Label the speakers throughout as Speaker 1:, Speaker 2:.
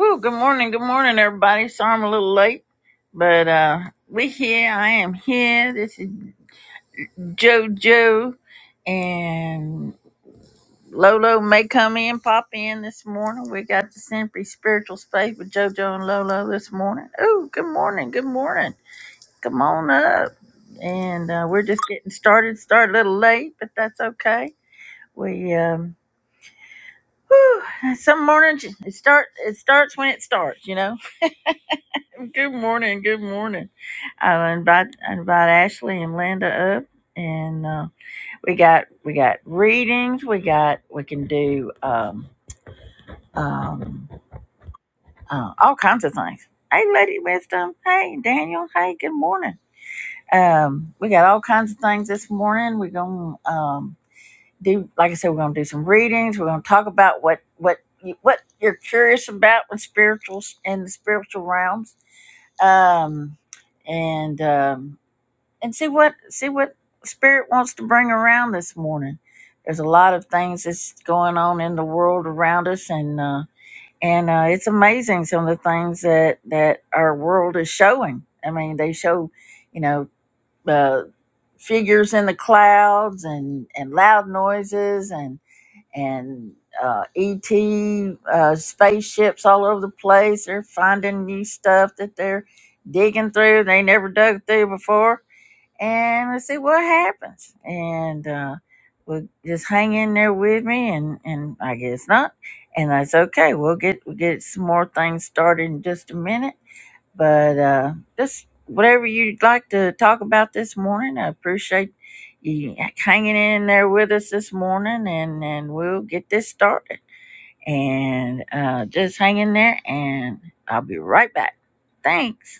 Speaker 1: Ooh, good morning, good morning, everybody. Sorry I'm a little late, but uh, we here. I am here. This is JoJo, and Lolo may come in, pop in this morning. We got the Simply Spiritual Space with JoJo and Lolo this morning. Ooh, good morning, good morning. Come on up, and uh, we're just getting started. Start a little late, but that's okay. We um, whew, some mornings it start. It starts when it starts, you know Good morning. Good morning. I invite I invite Ashley and Linda up, and uh, we got we got readings. We got we can do um, um, uh, all kinds of things. Hey, Lady Wisdom. Hey, Daniel. Hey, good morning. Um, we got all kinds of things this morning. We're gonna um, do like I said. We're gonna do some readings. We're gonna talk about what what you- what you're curious about with spirituals in the spiritual realms. Um, and. um, and see what see what spirit wants to bring around this morning there's a lot of things that's going on in the world around us and uh and uh it's amazing some of the things that that our world is showing i mean they show you know uh figures in the clouds and and loud noises and and uh, ET uh, spaceships all over the place. They're finding new stuff that they're digging through. They never dug through before and we'll see what happens. And uh, we'll just hang in there with me, and, and I guess not, and that's okay. We'll get we'll get some more things started in just a minute. But uh, just whatever you'd like to talk about this morning, I appreciate you hanging in there with us this morning, and and we'll get this started. And uh, just hang in there, and I'll be right back. Thanks.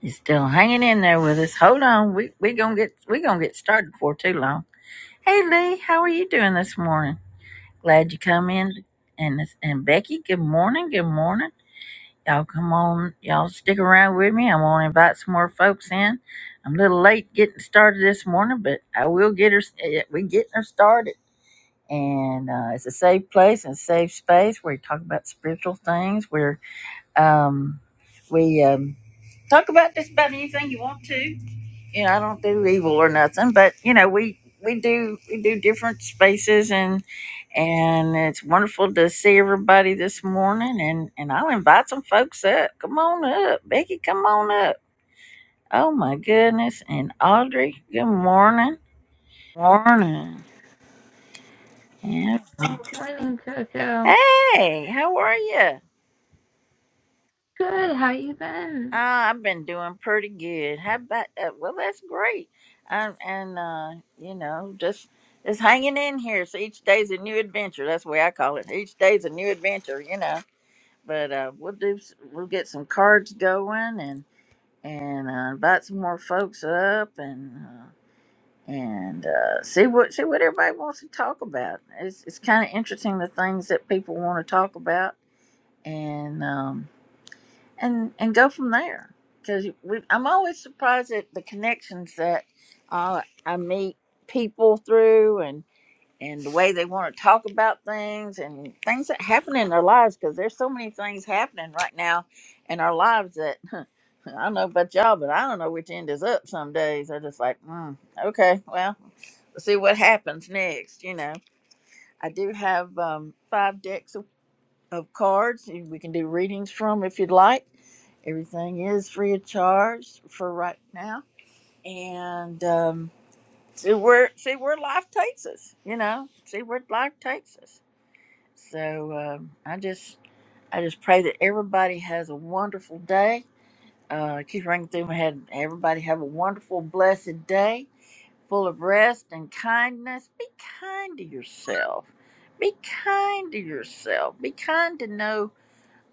Speaker 1: He's still hanging in there with us. Hold on, we we gonna get we gonna get started before too long. Hey Lee, how are you doing this morning? Glad you come in. And this, and Becky, good morning, good morning. Y'all come on, y'all stick around with me. I'm gonna invite some more folks in. I'm a little late getting started this morning, but I will get her. eh, We getting her started, and uh, it's a safe place and a safe space where we talk about spiritual things. Where um, we um, talk about just about anything you want to you know, I don't do evil or nothing, but you know, we we do we do different spaces and and it's wonderful to see everybody this morning and and I'll invite some folks up. Come on up. Becky, come on up. Oh my goodness. And Audrey, good morning. Morning. Yeah.
Speaker 2: Morning, Jojo.
Speaker 1: Hey, how are you?
Speaker 2: Good, how you been?
Speaker 1: Uh, I've been doing pretty good. How about? Uh, well, that's great. Um, and uh, you know, just just hanging in here. So each day's a new adventure. That's the way I call it. Each day's a new adventure. You know. But uh, we'll do. s- We'll get some cards going and and uh, invite some more folks up and uh, and uh, see what see what everybody wants to talk about. It's it's kind of interesting the things that people want to talk about and. Um, and and go from there. Because I'm always surprised at the connections that uh, I meet people through, and and the way they want to talk about things and things that happen in their lives. Because there's so many things happening right now in our lives that I don't know about y'all, but I don't know which end is up. Some days they're just like, mm, okay, well, let's see what happens next. You know, I do have um, five decks of, of cards we can do readings from if you'd like Everything is free of charge for right now, and um, see where see where life takes us. You know, see where life takes us. So um, I just I just pray that everybody has a wonderful day. Uh, it keeps ringing through my head. Everybody have a wonderful, blessed day, full of rest and kindness. Be kind to yourself. Be kind to yourself. Be kind to know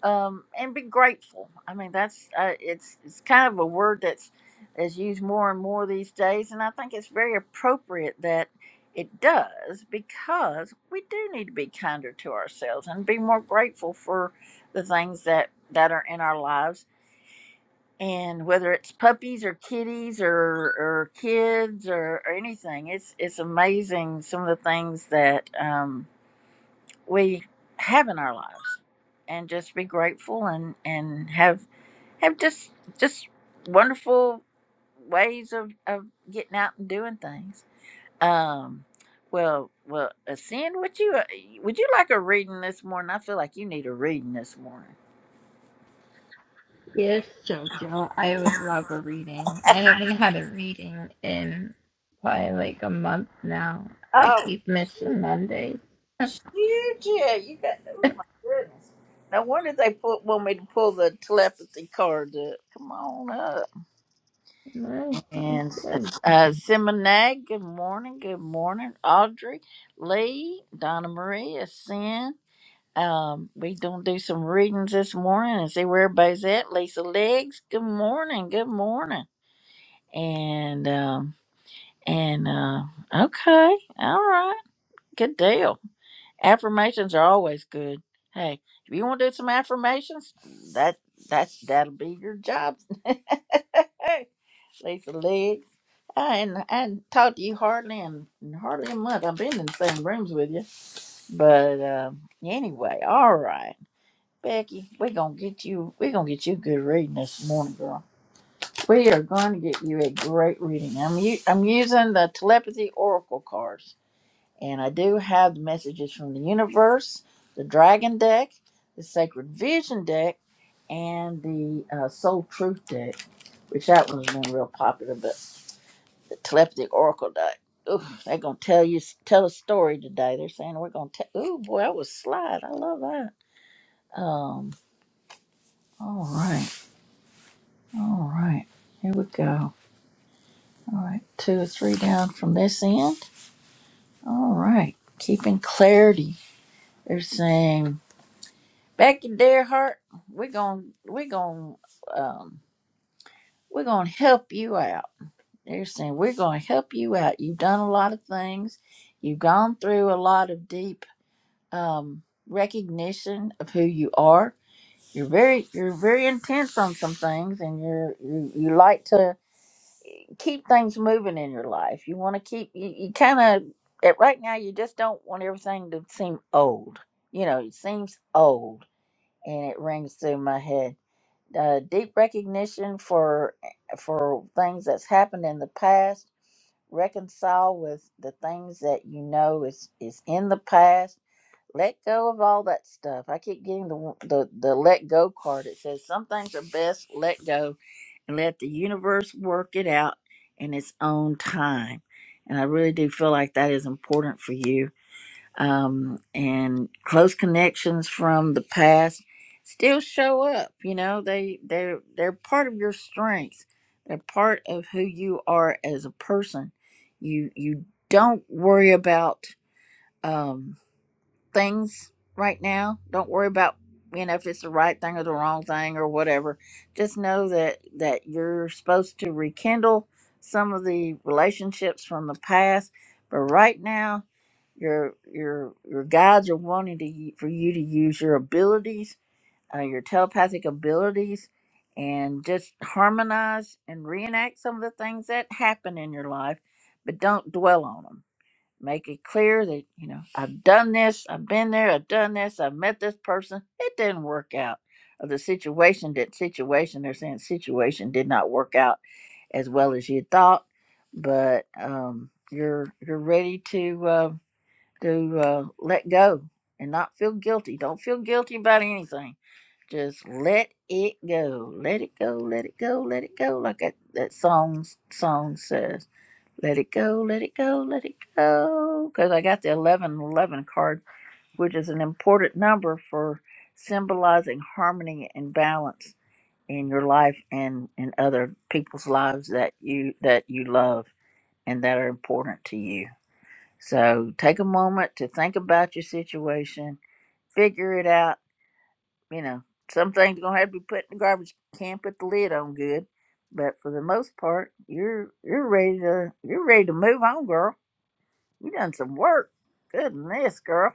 Speaker 1: um, and be grateful. I mean, that's uh, it's it's kind of a word that's is used more and more these days, and I think it's very appropriate that it does because we do need to be kinder to ourselves and be more grateful for the things that that are in our lives. And whether it's puppies or kitties or, or kids or, or anything, it's it's amazing some of the things that. Um, we have in our lives and just be grateful and and have have just just wonderful ways of of getting out and doing things um well well ascend would you uh, would you like a reading this morning i feel like you need a reading this morning
Speaker 2: Yes, Jojo, I would love a reading. I haven't had a reading in probably like a month now. I
Speaker 1: oh
Speaker 2: keep missing Mondays.
Speaker 1: shoot! yeah you got oh my goodness no wonder they put want me to pull the telepathy card up come on up.
Speaker 2: No, sounds
Speaker 1: And
Speaker 2: good.
Speaker 1: uh, Simonag, good morning, good morning. Audrey, Lee, Donna Maria, Sin. Um, we gonna do some readings this morning and see where everybody's at. Lisa Legs, good morning, good morning. And um, and uh, okay, all right, good deal. Affirmations are always good. Hey, if you want to do some affirmations, that that's that'll be your job. Lace the legs. I ain't, I ain't talked to you hardly in, in hardly a month. I've been in the same rooms with you. But um, anyway, all right. Becky, we're gonna get you we're gonna get you a good reading this morning, girl. We are gonna get you a great reading. I'm u- I'm using the telepathy oracle cards. And I do have the messages from the universe, the dragon deck, the sacred vision deck, and the uh, soul truth deck, which that one's been real popular the telepathic oracle day. Ooh, they're gonna tell you tell a story today. They're saying we're gonna tell. Ooh, boy, that was slide. I love that. Um. All right. All right. Here we go. All right. Two or three down from this end. All right. Keeping clarity. They're saying Becky, dear heart, we're gonna we're gonna um we're gonna help you out. They're saying we're gonna help you out. You've done a lot of things. You've gone through a lot of deep um, recognition of who you are. You're very you're very intense on some things, and you're you, you like to keep things moving in your life. You want to keep you, you kind of at right now you just don't want everything to seem old. You know, it seems old, and it rings through my head. Uh, deep recognition for for things that's happened in the past. Reconcile with the things that you know is is in the past let go of all that stuff. I keep getting the the the let go card. It says some things are best let go and let the universe work it out in its own time. And I really do feel like that is important for you. Um, and close connections from the past still show up. You know, they they're they're part of your strengths. They're part of who you are as a person. You you don't worry about. Um, things right now. Don't worry about you know if it's the right thing or the wrong thing or whatever. Just know that that you're supposed to rekindle some of the relationships from the past. But right now, your your your guides are wanting to y- for you to use your abilities, uh, your telepathic abilities, and just harmonize and reenact some of the things that happen in your life. But don't dwell on them make it clear that you know i've done this i've been there i've done this i've met this person it didn't work out or the situation did situation they're saying situation did not work out as well as you thought but um you're you're ready to uh to uh let go and not feel guilty don't feel guilty about anything just let it go let it go let it go let it go like that, that song song says let it go, let it go, let it go. Because I got the 1111 card, which is an important number for symbolizing harmony and balance in your life and in other people's lives that you that you love and that are important to you. So take a moment to think about your situation, figure it out. You know, some things are gonna have to be put in the garbage. Can't put the lid on good, but for the most part, you're you're ready to you're ready to move on, girl you done some work. Goodness, girl.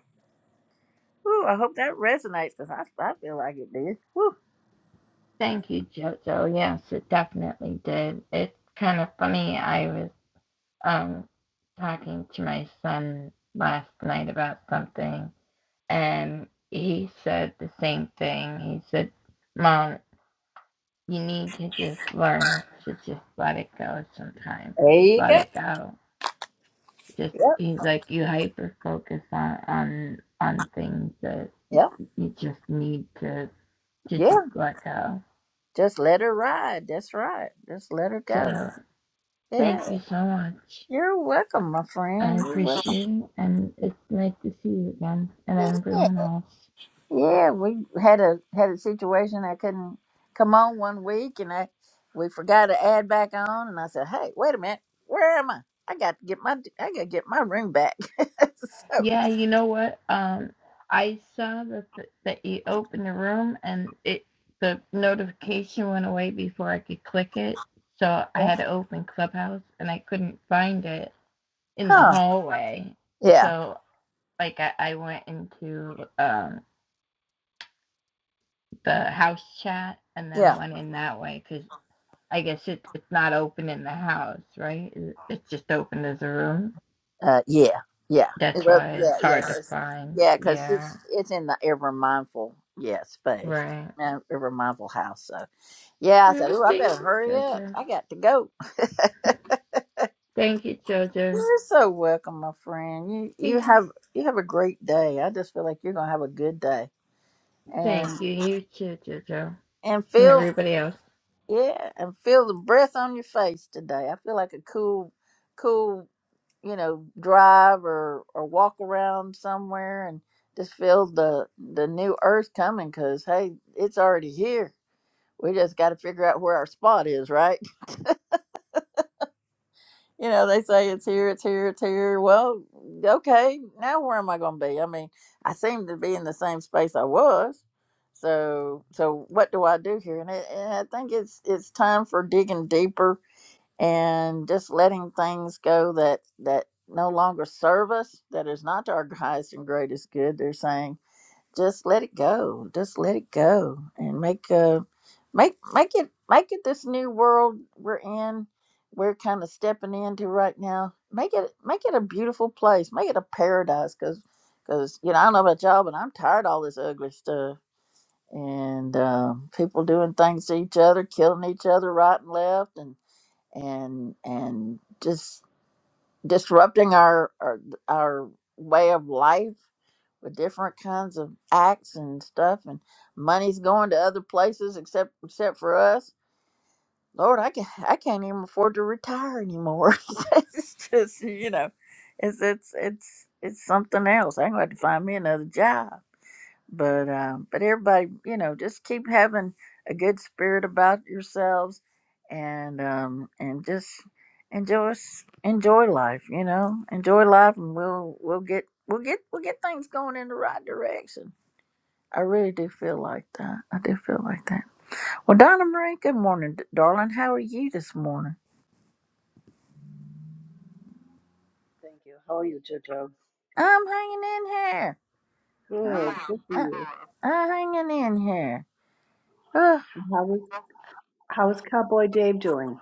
Speaker 1: Whew, I hope that resonates because I, I feel like it did. Whew.
Speaker 2: Thank you, Jojo. Yes, it definitely did. It's kind of funny. I was um talking to my son last night about something, and he said the same thing. He said, Mom, You need to just learn to just let it go sometimes.
Speaker 1: There
Speaker 2: Just
Speaker 1: you
Speaker 2: let
Speaker 1: go.
Speaker 2: it go. Just
Speaker 1: Yep,
Speaker 2: he's like you hyper focus on on on things that
Speaker 1: yep,
Speaker 2: you just need to to
Speaker 1: yeah.
Speaker 2: just let go.
Speaker 1: Just let her ride. That's right. Just let her go.
Speaker 2: So
Speaker 1: Yeah.
Speaker 2: thank you so much.
Speaker 1: You're welcome, my
Speaker 2: I
Speaker 1: friend. You're welcome.
Speaker 2: appreciate it and it's nice to see you again and
Speaker 1: Yeah.
Speaker 2: everyone else.
Speaker 1: Yeah. We had a had a situation I couldn't come on one week and I we forgot to add back on and I said, Hey, wait a minute, where am I? I got to get my I gotta get my room back. so
Speaker 2: Yeah, you know what? Um, I saw that the, that you opened the room and it the notification went away before I could click it. So I had to open Clubhouse and I couldn't find it in the
Speaker 1: huh.
Speaker 2: hallway.
Speaker 1: Yeah.
Speaker 2: So like I, I went into um the house chat and
Speaker 1: Yeah.
Speaker 2: then went in that way because I guess it, it's not open in the house, right? It- It's just open as a room.
Speaker 1: Uh, yeah, yeah,
Speaker 2: That's
Speaker 1: well,
Speaker 2: why
Speaker 1: yeah,
Speaker 2: it's
Speaker 1: yeah,
Speaker 2: hard to
Speaker 1: cause,
Speaker 2: find.
Speaker 1: yeah, 'cause
Speaker 2: Yeah,
Speaker 1: it's it's in the ever mindful yeah space,
Speaker 2: right.
Speaker 1: uh, ever mindful house. So yeah, I said,
Speaker 2: Oh,
Speaker 1: oh, I
Speaker 2: thank
Speaker 1: better
Speaker 2: you,
Speaker 1: hurry up.
Speaker 2: Jojo.
Speaker 1: I got to go.
Speaker 2: Thank you, Jojo.
Speaker 1: You're so welcome, my friend. You you
Speaker 2: Peace.
Speaker 1: have you have a great day. I just feel like you're gonna have a good day, and
Speaker 2: Thank you, you too, Jojo,
Speaker 1: and
Speaker 2: and
Speaker 1: feel
Speaker 2: everybody else.
Speaker 1: Yeah, and feel the breath on your face today. I feel like a cool, cool, you know, drive or or walk around somewhere and just feel the the new earth coming. Cause hey, it's already here. We just got to figure out where our spot is, right? You know, they say it's here, it's here, it's here. Well, okay, now where am I going to be? I mean, I seem to be in the same space I was. So, so what do I do here? And, it, and I think it's it's time for digging deeper and just letting things go that that no longer serve us that is not to our highest and greatest good they're saying just let it go just let it go and make uh make make it make it this new world we're in we're kind of stepping into right now make it make it a beautiful place make it a paradise because because you know i don't know about y'all but i'm tired of all this ugly stuff and um, people doing things to each other killing each other right and left and and and just disrupting our our, our way of life with different kinds of acts and stuff and money's going to other places except except for us lord i can i can't even afford to retire anymore it's just you know it's it's it's it's something else i'm going to have to find me another job but um, but everybody, you know, just keep having a good spirit about yourselves, and um, and just enjoy s- enjoy life. You know, enjoy life, and we'll we'll get we'll get we'll get things going in the right direction. I really do feel like that. I do feel like that. Well, Donna Marie, good morning, d- darling. How are you this morning?
Speaker 3: Thank you. How are you, Jojo?
Speaker 1: I'm hanging in here. I'm,
Speaker 3: Good, good for
Speaker 1: I,
Speaker 3: you.
Speaker 1: I'm hanging in here. Ugh.
Speaker 3: And How is how is Cowboy Dave doing?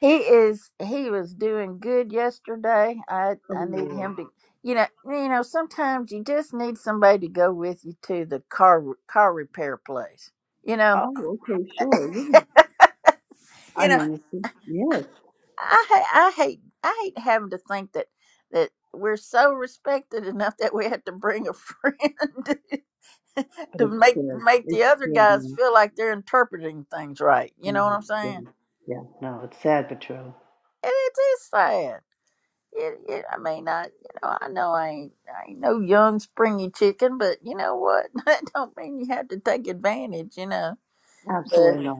Speaker 1: He is he was doing good yesterday. I
Speaker 3: Oh,
Speaker 1: I need
Speaker 3: yeah.
Speaker 1: him to you know you know sometimes you just need somebody to go with you to the car car repair place. You know.
Speaker 3: Oh, okay, sure. Yeah,
Speaker 1: you
Speaker 3: I
Speaker 1: know,
Speaker 3: understand. Yes,
Speaker 1: I ha- I hate I hate having to think that that we're so respected enough that we have to bring a friend
Speaker 3: but
Speaker 1: to
Speaker 3: it's
Speaker 1: make
Speaker 3: true.
Speaker 1: make
Speaker 3: It's
Speaker 1: the other
Speaker 3: true.
Speaker 1: guys
Speaker 3: man.
Speaker 1: feel like they're interpreting things right.
Speaker 3: I
Speaker 1: You know
Speaker 3: mean,
Speaker 1: what I'm saying?
Speaker 3: Yeah, no, it's sad but true.
Speaker 1: And it is sad. It, it, I mean, I you know I know I ain't, I ain't no young springy chicken, but you know what? That don't mean you have to take advantage, you know. But
Speaker 3: Absolutely not.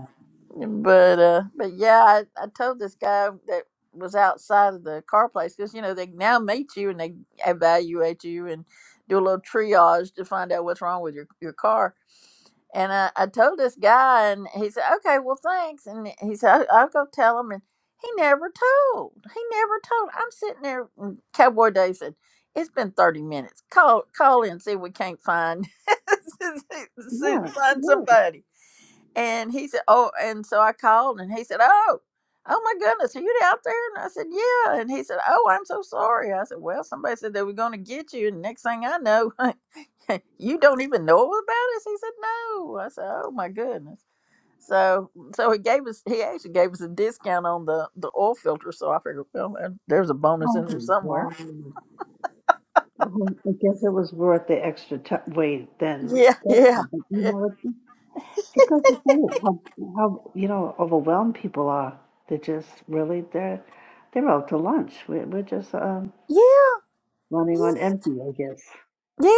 Speaker 1: but uh, but yeah, I, I told this guy that was outside of the car place because you know they now meet you and they evaluate you and do a little triage to find out what's wrong with your your car and I, I told this guy, and he said, "Okay, well, thanks." And he said, "I'll, I'll go tell him." And he never told. He never told. I'm sitting there. and Cowboy Dave said, "It's been 30 minutes. Call, call in, see if we can't find see-
Speaker 3: Yeah,
Speaker 1: find
Speaker 3: yeah.
Speaker 1: somebody." And he said, Oh, and so I called and he said, Oh, oh my goodness, are you out there? And I said, Yeah. And he said, Oh, I'm so sorry. I said, Well, somebody said they were going to get you. And next thing I know, you don't even know about us. He said, No. I said, Oh my goodness. So, so he gave us, he actually gave us a discount on the, the oil filter. So I figured, well, uh, there's a bonus in there
Speaker 3: Oh,
Speaker 1: somewhere.
Speaker 3: wow. Well, I guess it was worth the extra t- wait then.
Speaker 1: Yeah.
Speaker 3: That's
Speaker 1: Yeah.
Speaker 3: it. But you know what? Because you to how, how you know overwhelmed people are. they just really they're they're out to lunch. We're, we're just um,
Speaker 1: Yeah.
Speaker 3: running
Speaker 1: Yeah.
Speaker 3: on empty, I guess.
Speaker 1: Yeah,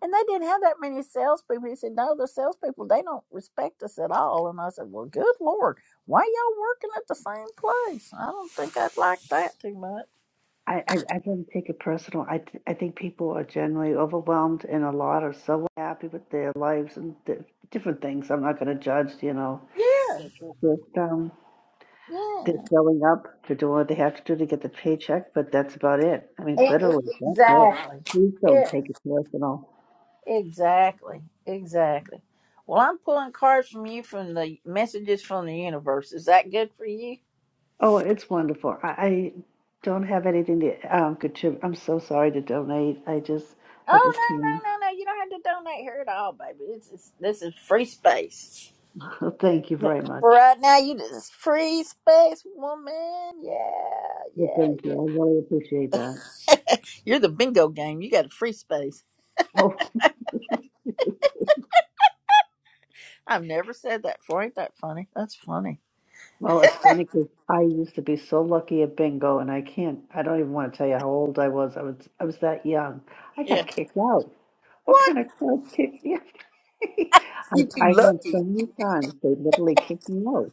Speaker 1: and they didn't have that many salespeople. He said, "No, the salespeople they don't respect us at all." And I said, "Well, good lord, why y'all working at the same place? I don't think I'd like that too much."
Speaker 3: I, I I don't take it personal. I th- I think people are generally overwhelmed, and a lot are so happy with their lives and di different things. I'm not going to judge, you know.
Speaker 1: Yeah,
Speaker 3: But they're just um, they're
Speaker 1: yeah,
Speaker 3: showing up. They're doing what they have to do to get the paycheck, but that's about it. I mean,
Speaker 1: E-
Speaker 3: literally,
Speaker 1: e-
Speaker 3: that's it.
Speaker 1: exactly.
Speaker 3: Please don't
Speaker 1: Yeah,
Speaker 3: take it personal.
Speaker 1: exactly, exactly. Well, I'm pulling cards from you from the messages from the universe. Is that good for you?
Speaker 3: Oh, it's wonderful. I, I don't have anything to um, contribute. I'm so sorry to donate. I just at
Speaker 1: Oh
Speaker 3: this time,
Speaker 1: no, no, no, no! You don't have to donate here at all, baby. It's, it's this is free space.
Speaker 3: thank you very much.
Speaker 1: For right now, you just free space woman. Yeah,
Speaker 3: Well,
Speaker 1: yeah.
Speaker 3: thank you. I really appreciate that.
Speaker 1: You're the bingo game. You got a free space.
Speaker 3: Oh,
Speaker 1: I've never said that before. Ain't that funny? That's funny.
Speaker 3: well, it's funny because I used to be so lucky at bingo, and I can't. I don't even want to tell you how old I was. I was I was that young. I
Speaker 1: Yeah.
Speaker 3: got kicked out. What
Speaker 1: What?
Speaker 3: kind of club kicked me out?
Speaker 1: You too
Speaker 3: I I won so
Speaker 1: lucky.
Speaker 3: many times they literally kicked me out.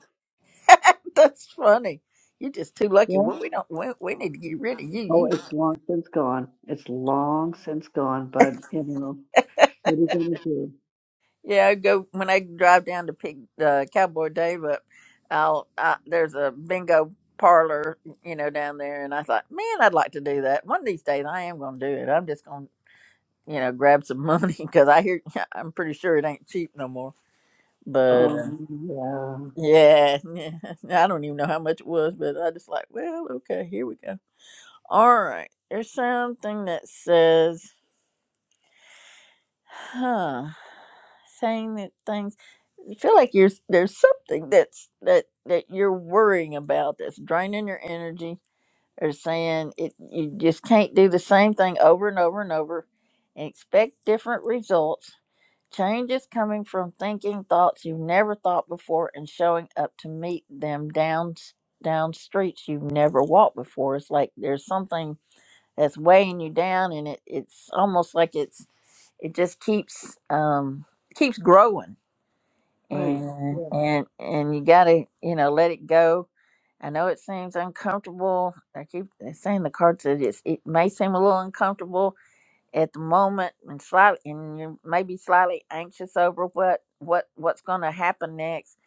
Speaker 1: That's funny. You're just too lucky.
Speaker 3: Yeah.
Speaker 1: Well, we don't. We, we need to get rid of you.
Speaker 3: Oh,
Speaker 1: You.
Speaker 3: it's long since gone. It's long since gone, but you know, what are you gonna do?
Speaker 1: Yeah. I go when I drive down to pick uh, Cowboy Dave up. I'll. I, there's a bingo parlor, you know, down there, and I thought, man, I'd like to do that one of these days. I am going to do it. I'm just going to you know, grab some money because I hear I'm pretty sure it ain't cheap no more. But
Speaker 3: Um,
Speaker 1: uh,
Speaker 3: yeah,
Speaker 1: yeah, yeah, I don't even know how much it was, but I just like, well, okay, here we go. All right, there's something that says, huh, saying that things. You feel like you're there's something that's that that you're worrying about that's draining your energy. Or saying it, you just can't do the same thing over and over and over, and expect different results Change is coming from thinking thoughts you've never thought before and showing up to meet them down s- down streets you've never walked before. It's like there's something that's weighing you down, and it, it's almost like it's it just keeps um keeps growing,
Speaker 3: right.
Speaker 1: and
Speaker 3: Yes,
Speaker 1: and and you gotta you know let it go. I know it seems uncomfortable. I keep saying the card said it's, it may seem a little uncomfortable, at the moment and slightly and you're maybe slightly anxious over what what what's going to happen next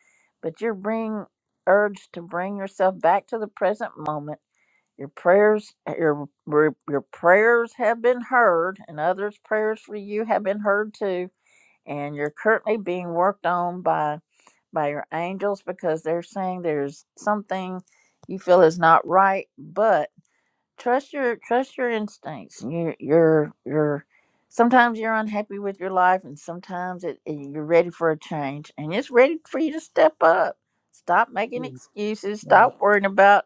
Speaker 1: but you're being urged to bring yourself back to the present moment your prayers your your your prayers have been heard and others prayers for you have been heard too and you're currently being worked on by by your angels because they're saying there's something you feel is not right but trust your trust your instincts and are you're. you're sometimes you're unhappy with your life and sometimes it, it- you're ready for a change and it's ready for you to step up stop making
Speaker 3: yes,
Speaker 1: excuses
Speaker 3: yes,
Speaker 1: stop worrying about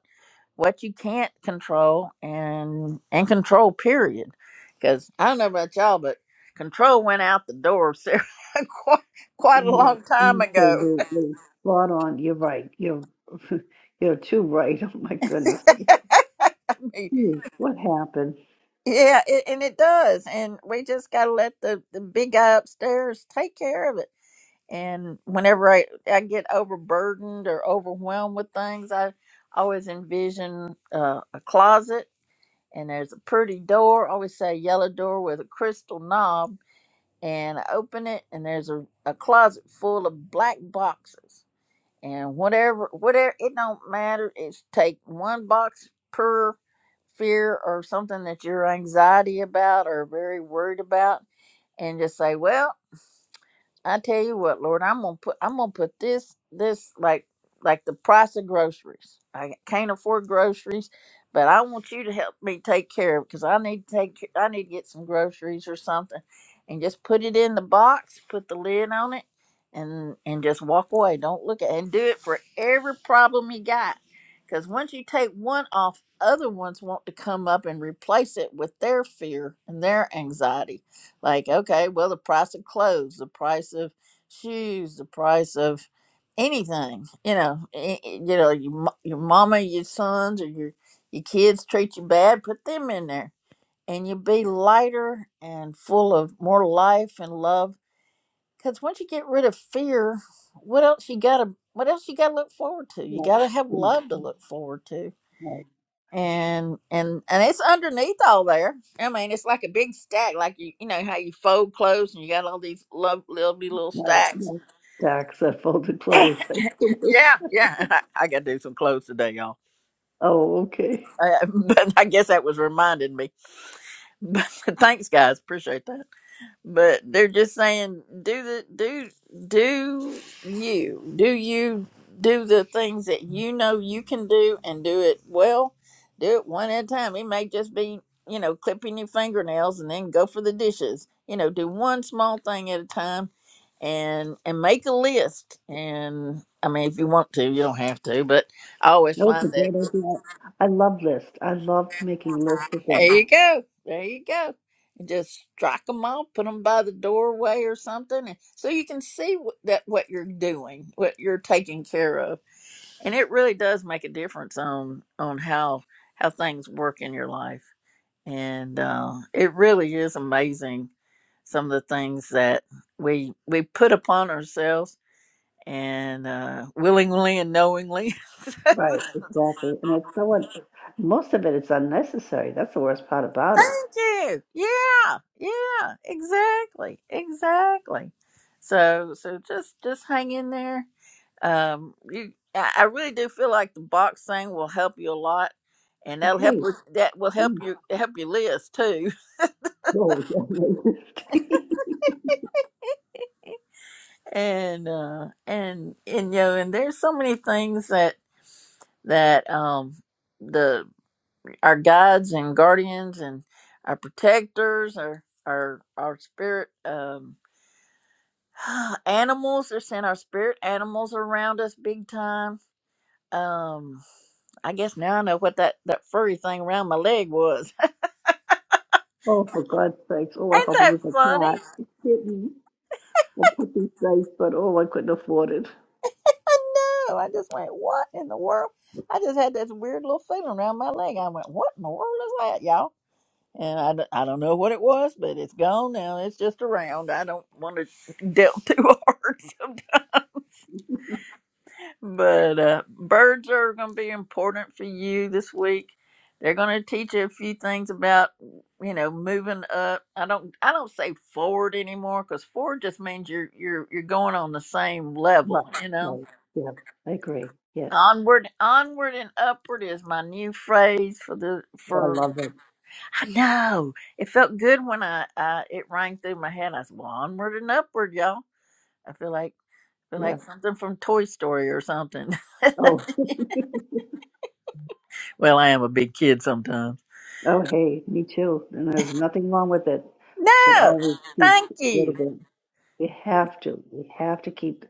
Speaker 1: what you can't control and and control period because i don't know about y'all but control went out the door so quite, quite a
Speaker 3: yes,
Speaker 1: long time ago
Speaker 3: absolutely. Spot on. You're right. You're you're too right. Oh my goodness. Jeez, what happened?
Speaker 1: Yeah, it, and it does. And we just got to let the, the big guy upstairs take care of it. And whenever I, I get overburdened or overwhelmed with things, I always envision uh, a closet and there's a pretty door. I always say a yellow door with a crystal knob. And I open it and there's a, a closet full of black boxes and whatever whatever it don't matter it's take one box per fear or something that you're anxiety about or very worried about and just say well I tell you what, Lord, I'm gonna put I'm gonna put this this like like the price of groceries. I can't afford groceries, but I want you to help me take care of because I need to take ca- I need to get some groceries or something, and just put it in the box, put the lid on it, and and just walk away. Don't look at and do it for every problem you got, because once you take one off, other ones want to come up and replace it with their fear and their anxiety like, okay, well, the price of clothes, the price of shoes, the price of anything, you know, a- a- you know, your, mo- your mama, your sons, or your your kids treat you bad, put them in there, and you'll be lighter and full of more life and love. Because once you get rid of fear, what else you gotta? What else you gotta look forward to? You
Speaker 3: Right.
Speaker 1: gotta have
Speaker 3: yes,
Speaker 1: love to look forward to
Speaker 3: yes,
Speaker 1: and and and it's underneath all there. I mean, it's like a big stack, like you you know how you fold clothes and you got all these lo- little little
Speaker 3: right,
Speaker 1: stacks.
Speaker 3: yes. Stacks that folded clothes.
Speaker 1: yeah, yeah. I, got to do some clothes today, y'all.
Speaker 3: Oh, okay.
Speaker 1: Uh, but I guess that was reminding me. But thanks, guys. Appreciate that. but they're just saying do the do do you do you do the things that you know you can do and do it well do it one at a time it may just be you know clipping your fingernails and then go for the dishes you know do one small thing at a time and and make a list and i mean if you want to you don't have to but i always
Speaker 3: That was a
Speaker 1: find that
Speaker 3: great idea. I love lists. I love making lists of things.
Speaker 1: there you go. There you go. And just strike them off, put them by the doorway or something, and so you can see what, that what you're doing, what you're taking care of, and it really does make a difference on on how how things work in your life. And uh, it really is amazing some of the things that we we put upon ourselves and uh, willingly and knowingly.
Speaker 3: Right, exactly. And it's so, most of it is unnecessary. That's the worst part about it.
Speaker 1: Thank you. Yeah, yeah, exactly, exactly. So, so just just hang in there. Um, you, I I really do feel like the box thing will help you a lot, and that'll help
Speaker 3: Okay.
Speaker 1: with that will help
Speaker 3: geez,
Speaker 1: you help your list too.
Speaker 3: No.
Speaker 1: And uh, and and you know, and there's so many things that that um the our guides and guardians and our protectors, our our our spirit. Um, animals are sent our spirit animals are around us big time. Um, I guess now I know what that that furry thing around my leg was.
Speaker 3: oh, for God's sakes. Oh, I
Speaker 1: Ain't
Speaker 3: hope it
Speaker 1: that
Speaker 3: was a
Speaker 1: funny?
Speaker 3: cat, a kitten, a puppy face, but oh, I couldn't afford it.
Speaker 1: I know. I just went, what in the world? I just had this weird little feeling around my leg. I went, what in the world is that, y'all? And I, d- I don't know what it was, but it's gone now. It's just around. I don't want to delve too hard. But uh, birds are going to be important for you this week. They're going to teach you a few things about, you know, moving up. I don't, I don't say forward anymore because forward just means you're, you're, you're going on the same
Speaker 3: Right.
Speaker 1: level. You know,
Speaker 3: Right. Yeah, I agree. Yes.
Speaker 1: onward, onward and upward is my new phrase for the
Speaker 3: Oh, I
Speaker 1: for.
Speaker 3: love it.
Speaker 1: I know it felt good when I, I it rang through my head. I said, "Well, onward and upward, y'all." I feel like, feel
Speaker 3: Yeah.
Speaker 1: like something from Toy Story or something.
Speaker 3: Oh,
Speaker 1: Well, I am a big kid sometimes.
Speaker 3: oh, hey, me too. And there's nothing wrong with it. We should
Speaker 1: No,
Speaker 3: always keep
Speaker 1: thank
Speaker 3: a little
Speaker 1: you.
Speaker 3: bit. We have to. We have to keep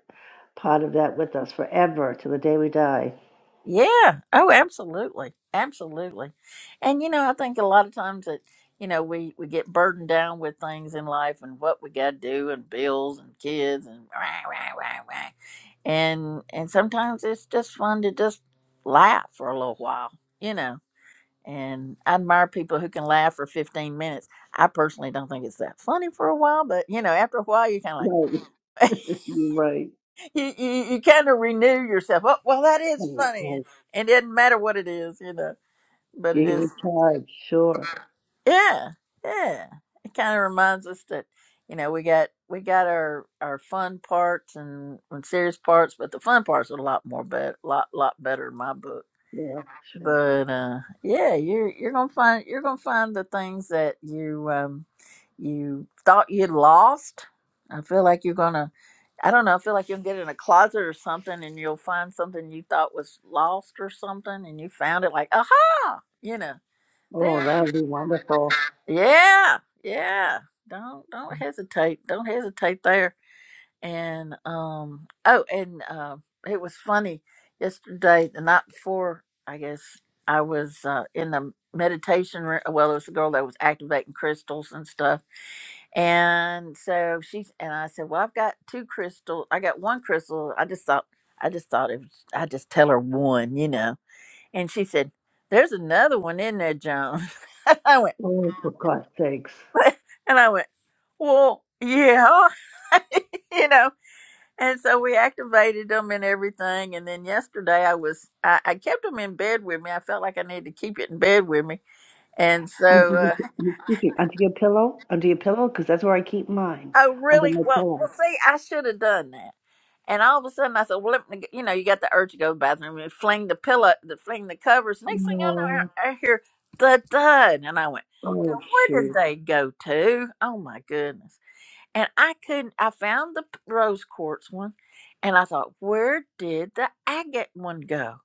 Speaker 3: part of that with us forever till the day we die.
Speaker 1: Yeah. Oh, absolutely. Absolutely. And you know, I think a lot of times that you know we we get burdened down with things in life and what we got to do and bills and kids and rah, rah, rah, rah. and and sometimes it's just fun to just laugh for a little while, you know. And I admire people who can laugh for 15 minutes. I personally don't think it's that funny for a while, but you know, after a while, you're kind of like.
Speaker 3: Right. You're right.
Speaker 1: you, you, you kind of renew yourself. Oh, well, that is
Speaker 3: Right,
Speaker 1: funny.
Speaker 3: right.
Speaker 1: And it doesn't matter what it is, you know, but it
Speaker 3: You
Speaker 1: is.
Speaker 3: recharge, sure.
Speaker 1: Yeah. Yeah. It kind of reminds us that, you know, we got, we got our, our fun parts and, and serious parts, but the fun parts are a lot more, bet, lot, lot better in my book
Speaker 3: Yeah, sure.
Speaker 1: but uh yeah you're you're gonna find you're gonna find the things that you um you thought you'd lost i feel like you're gonna i don't know i feel like you'll get in a closet or something and you'll find something you thought was lost or something and you found it like aha you know there
Speaker 3: Oh, that would be wonderful.
Speaker 1: you yeah yeah don't don't hesitate don't hesitate there and um oh and um it was funny yesterday the night before i guess i was uh in the meditation room well it was a girl that was activating crystals and stuff and so she's and i said well i've got two crystals i got one crystal i just thought i just thought it was i just tell her one you know and she said there's another one in there joan i went
Speaker 3: Oh, for God's sakes.
Speaker 1: and i went well yeah you know and so we activated them and everything. And then yesterday I was, I, I kept them in bed with me. I felt like I needed to keep it in bed with me. And
Speaker 3: Under
Speaker 1: so,
Speaker 3: your,
Speaker 1: uh,
Speaker 3: excuse me, under your pillow? Under your pillow? Because that's where I keep mine.
Speaker 1: oh,
Speaker 3: Under
Speaker 1: really?
Speaker 3: my
Speaker 1: Well, well,
Speaker 3: pillow.
Speaker 1: see, I should have done that. And all of a sudden I said, well, let me, you know, you got the urge to go to the bathroom and fling the pillow, the, fling the covers. Next thing I know,
Speaker 3: Oh,
Speaker 1: I, I hear the thud. And I went, now
Speaker 3: oh
Speaker 1: where did
Speaker 3: shoot.
Speaker 1: they go to? Oh my goodness. And I couldn't, I found the rose quartz one. And I thought, where did the agate one go?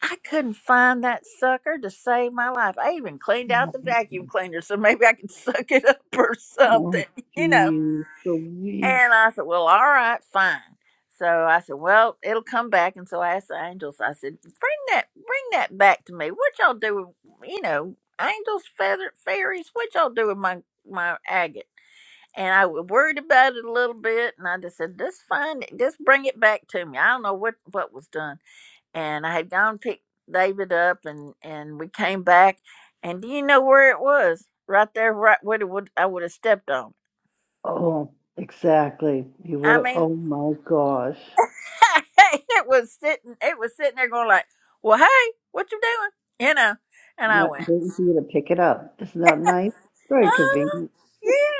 Speaker 1: I couldn't find that sucker to save my life. I even cleaned out the vacuum cleaner so maybe I could suck it up or
Speaker 3: Oh,
Speaker 1: something, you know.
Speaker 3: geez, Louise.
Speaker 1: And I said, Well, all right, fine. So I said, Well, it'll come back. And so I asked the angels, I said, Bring that, bring that back to me. What y'all do, with, you know, angels, feather, fairies, what y'all do with my, my agate? And I was worried about it a little bit. And I just said, Just find it, just bring it back to me. I don't know what, what was done and I had gone pick David up, and and we came back, and do you know where it was? Right there, right where it would I would have stepped on.
Speaker 3: Oh, exactly. You would
Speaker 1: I
Speaker 3: have,
Speaker 1: mean,
Speaker 3: oh my gosh.
Speaker 1: it was sitting, it was sitting there going like, "Well, hey, what you doing?" You know, and I
Speaker 3: Right,
Speaker 1: went,
Speaker 3: waiting for you to pick it up. Isn't that nice? Very
Speaker 1: "Oh,
Speaker 3: convenient.
Speaker 1: yeah,"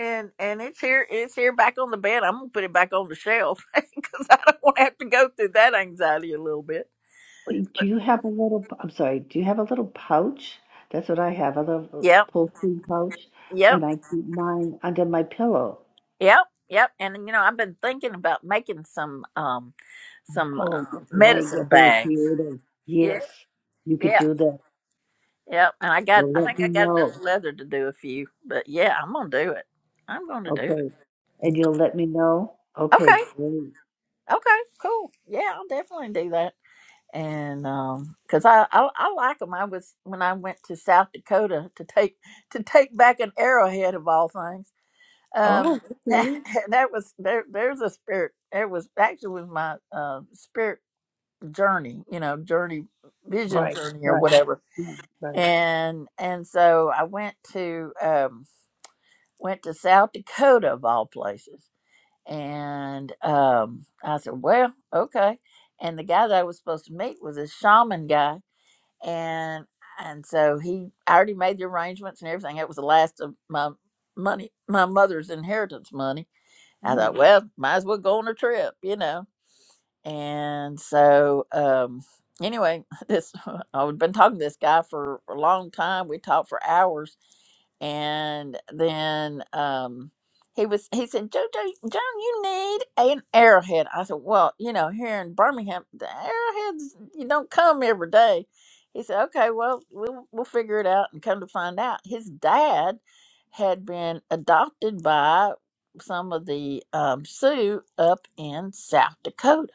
Speaker 1: and and it's here, it's here back on the bed. I'm gonna put it back on the shelf because I don't want to have to go through that anxiety a little bit.
Speaker 3: Wait, Do you have a little, I'm sorry, do you have a little pouch? That's what I have, a little
Speaker 1: Yep,
Speaker 3: pull-through pouch,
Speaker 1: yep,
Speaker 3: and I keep mine under my pillow.
Speaker 1: yep, yep. And you know, I've been thinking about making some um some
Speaker 3: Oh,
Speaker 1: um,
Speaker 3: that's right, you're
Speaker 1: medicine
Speaker 3: very
Speaker 1: bags.
Speaker 3: creative.
Speaker 1: Yeah,
Speaker 3: Yes, you could
Speaker 1: yeah,
Speaker 3: do that.
Speaker 1: yeah. And I got, I
Speaker 3: Well, let
Speaker 1: think
Speaker 3: me
Speaker 1: I got enough
Speaker 3: know.
Speaker 1: leather to do a few, but yeah, I'm gonna do it. I'm gonna do it.
Speaker 3: Okay. And you'll let me know? Okay,
Speaker 1: Okay,
Speaker 3: great.
Speaker 1: okay, cool. Yeah, I'll definitely do that. And um, cause I, I, I like them. I was when I went to South Dakota to take to take back an arrowhead of all things. Um,
Speaker 3: Oh, okay.
Speaker 1: that was there. There's a spirit. It was actually was my uh, spirit journey. You know, journey, vision
Speaker 3: Right,
Speaker 1: journey or
Speaker 3: right.
Speaker 1: whatever
Speaker 3: Yeah, right,
Speaker 1: and and so I went to um, went to South Dakota of all places, and um, I said, "Well, okay." And the guy that I was supposed to meet was this shaman guy, and and so he I already made the arrangements and everything. It was the last of my money, my mother's inheritance money. I thought,
Speaker 3: right.
Speaker 1: well, might as well go on a trip, you know. And so, um, anyway, this I've been talking to this guy for a long time. We talked for hours, and then um, he was he said, "Jojo, Joan, you need an arrowhead." I said, "Well, you know, here in Birmingham, the arrowheads you don't come every day." He said, "Okay, well, we'll we'll figure it out." And come to find out, his dad had been adopted by some of the um, Sioux up in South Dakota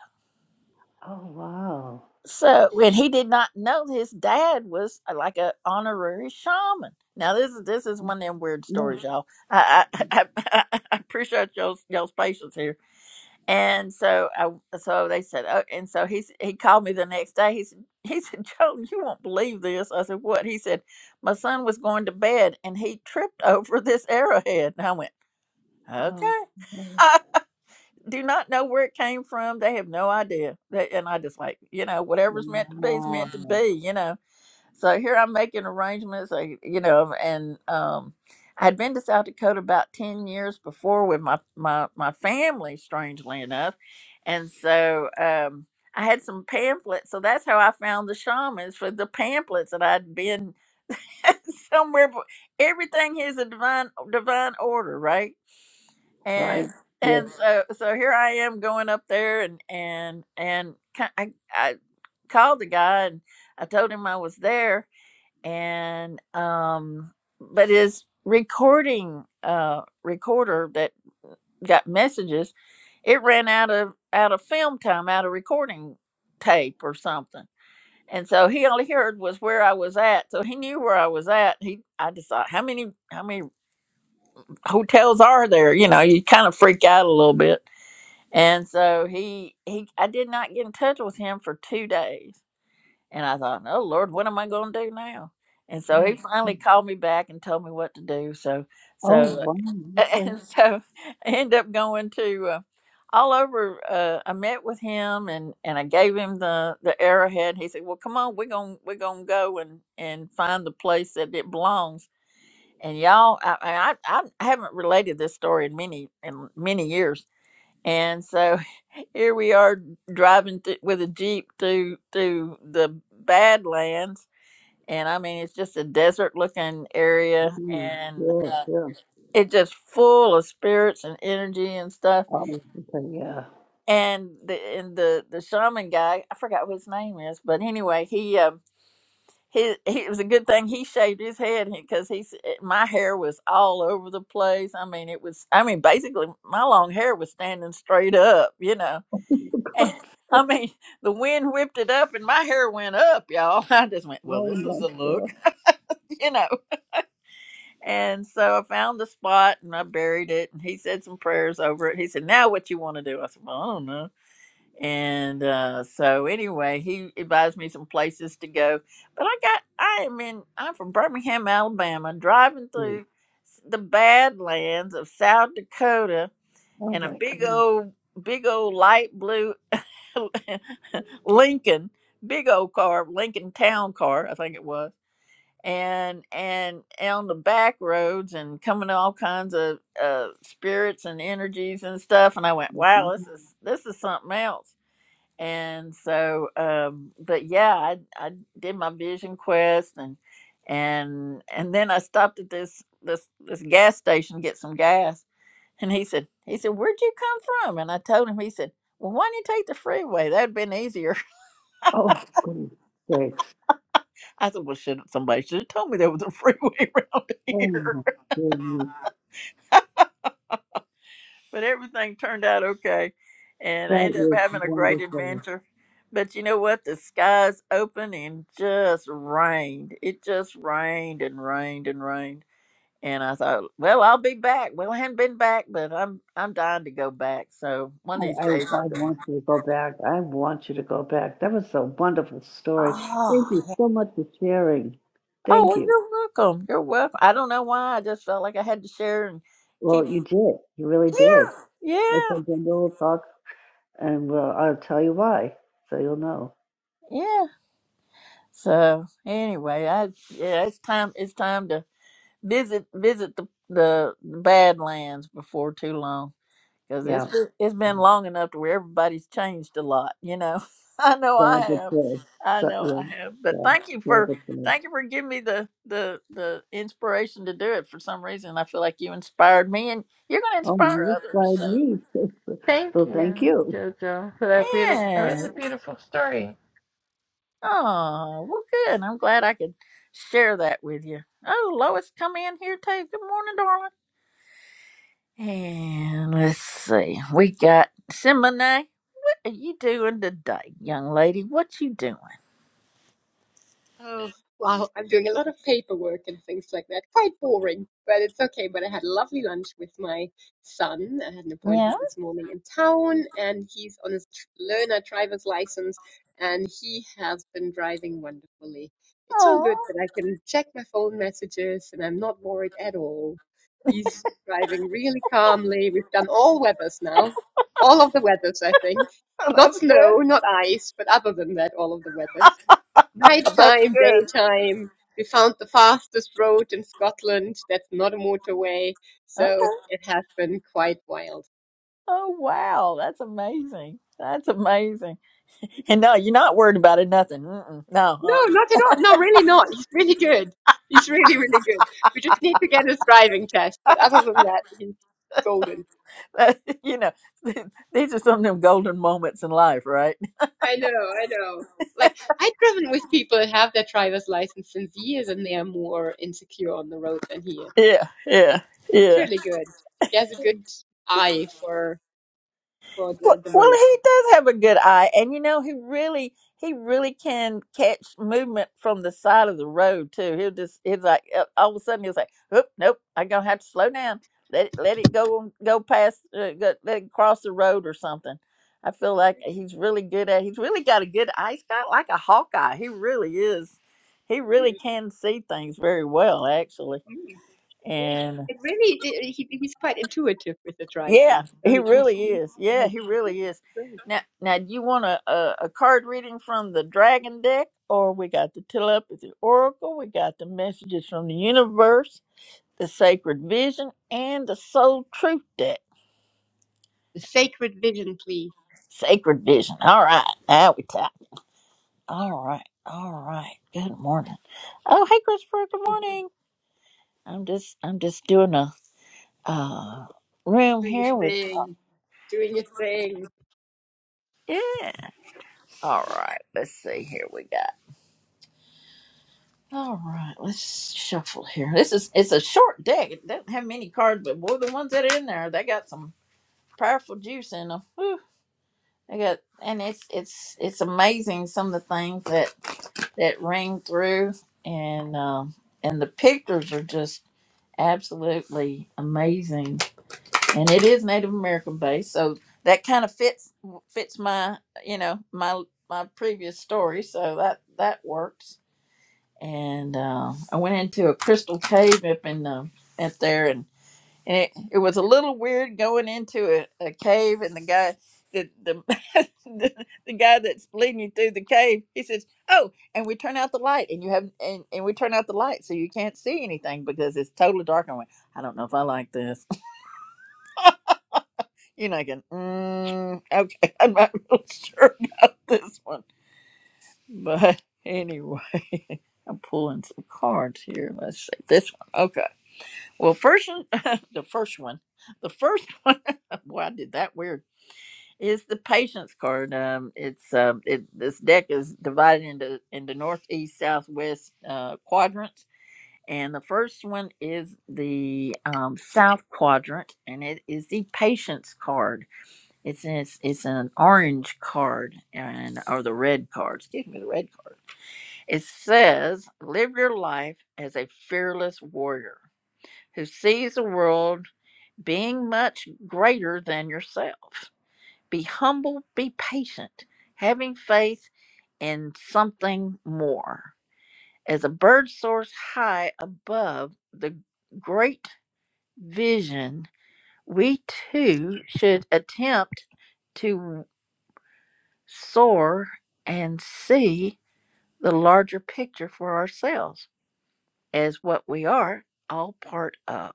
Speaker 3: Oh, wow.
Speaker 1: so when he did not know his dad was uh, like a honorary shaman. Now this is this is one of them weird
Speaker 3: Yeah.
Speaker 1: stories, y'all. I I, I, I appreciate y'all's, y'all's patience here. And so I so they said, oh, and so he s- he called me the next day. He said, he said, Joe, you won't believe this. I said, what? He said, my son was going to bed and he tripped over this arrowhead. And I went,
Speaker 3: Oh.
Speaker 1: okay.
Speaker 3: yeah.
Speaker 1: Do not know where it came from. They have no idea. They, and I just like, you know, whatever's meant to be is
Speaker 3: Wow.
Speaker 1: meant to be, you know. So here I'm making arrangements, I, you know, and um, I had been to South Dakota about 10 years before with my, my, my family, strangely enough. And so um, I had some pamphlets. So that's how I found the shamans for the pamphlets that I'd been somewhere. bef- Everything is a divine, divine order, right?
Speaker 3: right?
Speaker 1: And
Speaker 3: Yeah.
Speaker 1: and so so here I am going up there and and and ki- I, I called the guy and I told him I was there and um but his recording uh recorder that got messages it ran out of out of film time out of recording tape or something and so he only heard was where i was at so he knew where i was at he i just thought how many how many hotels are there you know you kind of freak out a little bit and so he he i did not get in touch with him for two days and I thought, oh Lord, what am I going to do now? And so
Speaker 3: Yeah.
Speaker 1: he finally called me back and told me what to do. So,
Speaker 3: Oh,
Speaker 1: so,
Speaker 3: wow. Okay.
Speaker 1: and so I ended up going to uh, all over. Uh, I met with him and, and I gave him the, the arrowhead. He said, well, come on, we're going, to we're going to go and, and find the place that it belongs. And y'all, I, I, I I haven't related this story in many, in many years and so here we are driving th- with a jeep through through the Badlands, and I mean it's just a desert-looking area,
Speaker 3: Mm,
Speaker 1: and
Speaker 3: yeah,
Speaker 1: uh,
Speaker 3: yeah.
Speaker 1: it's just full of spirits and energy and stuff.
Speaker 3: Oh, okay. Yeah.
Speaker 1: And the and the the shaman guy, I forgot what his name is, but anyway, he um he, he it was a good thing he shaved his head because he's eh, my hair was all over the place. I mean it was I mean basically my long hair was standing straight up, you know And I mean, the wind whipped it up and my hair went up, y'all. I just went, well,
Speaker 3: Oh,
Speaker 1: this is
Speaker 3: my
Speaker 1: a
Speaker 3: God.
Speaker 1: look, you know. And so I found the spot and I buried it. And he said some prayers over it. He said, now what you want to do? I said, well, I don't know. And uh, so anyway, he advised me some places to go. But I got, I am in, I'm from Birmingham, Alabama, driving
Speaker 3: Mm.
Speaker 1: through s- the badlands of South Dakota
Speaker 3: oh
Speaker 1: in a
Speaker 3: my
Speaker 1: big
Speaker 3: goodness.
Speaker 1: old big old light blue Lincoln, big old car, Lincoln Town Car, I think it was, and and on the back roads and coming to all kinds of uh, spirits and energies and stuff. And I went, wow,
Speaker 3: Mm.
Speaker 1: this is this is something else. And so, um, but yeah, I I did my vision quest and and and then I stopped at this this this gas station to get some gas and he said, he said, where'd you come from? And I told him, he said, well, why didn't you take the freeway? That'd been easier.
Speaker 3: Oh, for goodness sakes.
Speaker 1: I said, well, should somebody should have told me there was a freeway around
Speaker 3: Oh,
Speaker 1: here.
Speaker 3: my goodness.
Speaker 1: but everything turned out okay, and I
Speaker 3: That
Speaker 1: ended up
Speaker 3: is
Speaker 1: having a great
Speaker 3: wonderful.
Speaker 1: adventure. But you know what? The skies opened and just rained. It just rained and rained and rained. And I thought, well, I'll be back. Well, I hadn't been back, but I'm I'm dying to go back. So one of
Speaker 3: I,
Speaker 1: these
Speaker 3: I,
Speaker 1: days I'll
Speaker 3: I
Speaker 1: go back.
Speaker 3: want you to go back. I want you to go back. That was a wonderful story. Thank
Speaker 1: Oh,
Speaker 3: you so much for sharing.
Speaker 1: Oh,
Speaker 3: Thank
Speaker 1: well,
Speaker 3: you.
Speaker 1: you're welcome. You're welcome. I don't know why. I just felt like I had to share and keep.
Speaker 3: Well, you did. You really did.
Speaker 1: Yeah,
Speaker 3: As
Speaker 1: yeah,
Speaker 3: I said, And well, I'll tell you why, so you'll know.
Speaker 1: yeah. So anyway, I yeah, it's time. It's time to visit visit the the Badlands before too long. because it's
Speaker 3: Yeah,
Speaker 1: been- it's been long enough to where everybody's changed a lot. You know, I know I have,
Speaker 3: saboteur.
Speaker 1: I
Speaker 3: But
Speaker 1: know
Speaker 3: yeah,
Speaker 1: I have. But
Speaker 3: yeah,
Speaker 1: thank you for
Speaker 3: saboteur.
Speaker 1: thank you for giving me the the the inspiration to do it. For some reason, I feel like you inspired me, and you're going to
Speaker 3: Oh,
Speaker 1: inspire
Speaker 3: you
Speaker 1: others.
Speaker 3: inspired
Speaker 1: So
Speaker 3: me.
Speaker 2: Thank
Speaker 3: so thank
Speaker 2: you,
Speaker 3: you.
Speaker 2: Jojo, for that beautiful. That was
Speaker 1: yeah,
Speaker 2: a beautiful story.
Speaker 1: oh well, good. I'm glad I could share that with you. Oh, Lois, come in here too. Good morning, darling. And let's see, we got Simone. are you doing today, young lady? What you doing?
Speaker 4: Oh, wow. I'm doing a lot of paperwork and things like that. Quite boring, but it's okay. But I had a lovely lunch with my son. I had an
Speaker 1: Yeah.
Speaker 4: appointment this morning in town, and he's on his tr- learner driver's license, and he has been driving wonderfully. It's so
Speaker 1: Oh,
Speaker 4: good that I can check my phone messages, and I'm not worried at all. He's driving really calmly. We've done all weathers now, all of the weathers, I think. Not
Speaker 1: That's good.
Speaker 4: snow, not ice, but other than that, all of the weathers.
Speaker 1: That's
Speaker 4: Nighttime,
Speaker 1: good.
Speaker 4: daytime. We found the fastest road in Scotland that's not a motorway. So
Speaker 1: okay.
Speaker 4: it has been quite wild.
Speaker 1: Oh, wow. That's amazing. That's amazing. And no, you're not worried about it, nothing. Mm-mm.
Speaker 4: No,
Speaker 1: No.
Speaker 4: not at all. No, really not. He's really good. He's really, really good. We just need to get his driving test. But other than
Speaker 1: Uh-uh.
Speaker 4: that, he's golden.
Speaker 1: you know, these are some of them golden moments in life, right?
Speaker 4: I know, I know. Like, I've driven with people that have their driver's license since years and they are more insecure on the road than he is.
Speaker 1: Yeah. Yeah.
Speaker 4: It's
Speaker 1: Yeah.
Speaker 4: really good. He has a good eye for for
Speaker 1: Well,
Speaker 4: the, the
Speaker 1: well,
Speaker 4: road.
Speaker 1: he does have a good eye, and you know he really he really can catch movement from the side of the road too. He'll just he's like uh, all of a sudden he'll say, "Oop, nope, I'm gonna have to slow down. Let it, let it go on, go past, uh, go, let it cross the road or something." I feel like
Speaker 4: Mhm.
Speaker 1: he's really good at. He's really got a good eye. He's got like a hawk eye. He really is. He really
Speaker 4: Mm,
Speaker 1: can see things very well, actually.
Speaker 4: mm. Yeah, it really it, he he's quite intuitive with the
Speaker 1: Yeah,
Speaker 4: driving, so
Speaker 1: he
Speaker 4: he can
Speaker 1: really
Speaker 4: see
Speaker 1: is. Yeah,
Speaker 4: ahead.
Speaker 1: he really is.
Speaker 4: Great.
Speaker 1: Now, now, do you want a, a, a card reading from the Dragon deck, or we got the Telepathy Oracle, we got the Messages from the Universe, the Sacred Vision, and the Soul Truth deck.
Speaker 4: The sacred vision, please.
Speaker 1: Sacred Vision. All right, now we talk. All right, all right. Good morning. Oh, hey, Christopher. Good morning. I'm just, I'm just doing a uh room
Speaker 4: Doing
Speaker 1: here
Speaker 4: a
Speaker 1: with.
Speaker 4: thing, doing a thing.
Speaker 1: Yeah. All right. Let's see. Here we go. All right, let's shuffle here. This is it's a short deck. It doesn't have many cards, but boy, the ones that are in there, they got some powerful juice in them. Whew. They got, and it's it's it's amazing some of the things that that ring through, and um, and the pictures are just absolutely amazing. And it is Native American based, so that kind of fits fits my you know my my previous story, so that that works and uh, I went into a crystal cave up in um at there, and, and it, it was a little weird going into a, a cave, and the guy the the, the the guy that's leading you through the cave, he says, "Oh, and we turn out the light, and you have and, and we turn out the light, so you can't see anything because it's totally dark." And I went, "I don't know if I like this." You know, I can, mm, okay, I'm not real sure about this one, but anyway, I'm pulling some cards here. Let's see this one. Okay. Well, first, the first one, the first one, boy, I did that weird. Is the patience card. Um, it's um, it this deck is divided into into northeast, southwest uh, quadrants, and the first one is the um, south quadrant, and it is the patience card. It's it's, it's an orange card and or the red card. Excuse me, the red card. It says, "Live your life as a fearless warrior." who sees the world being much greater than yourself. Be humble, be patient, having faith in something more. As a bird soars high above the great vision, we too should attempt to soar and see the larger picture for ourselves as what we are all part of.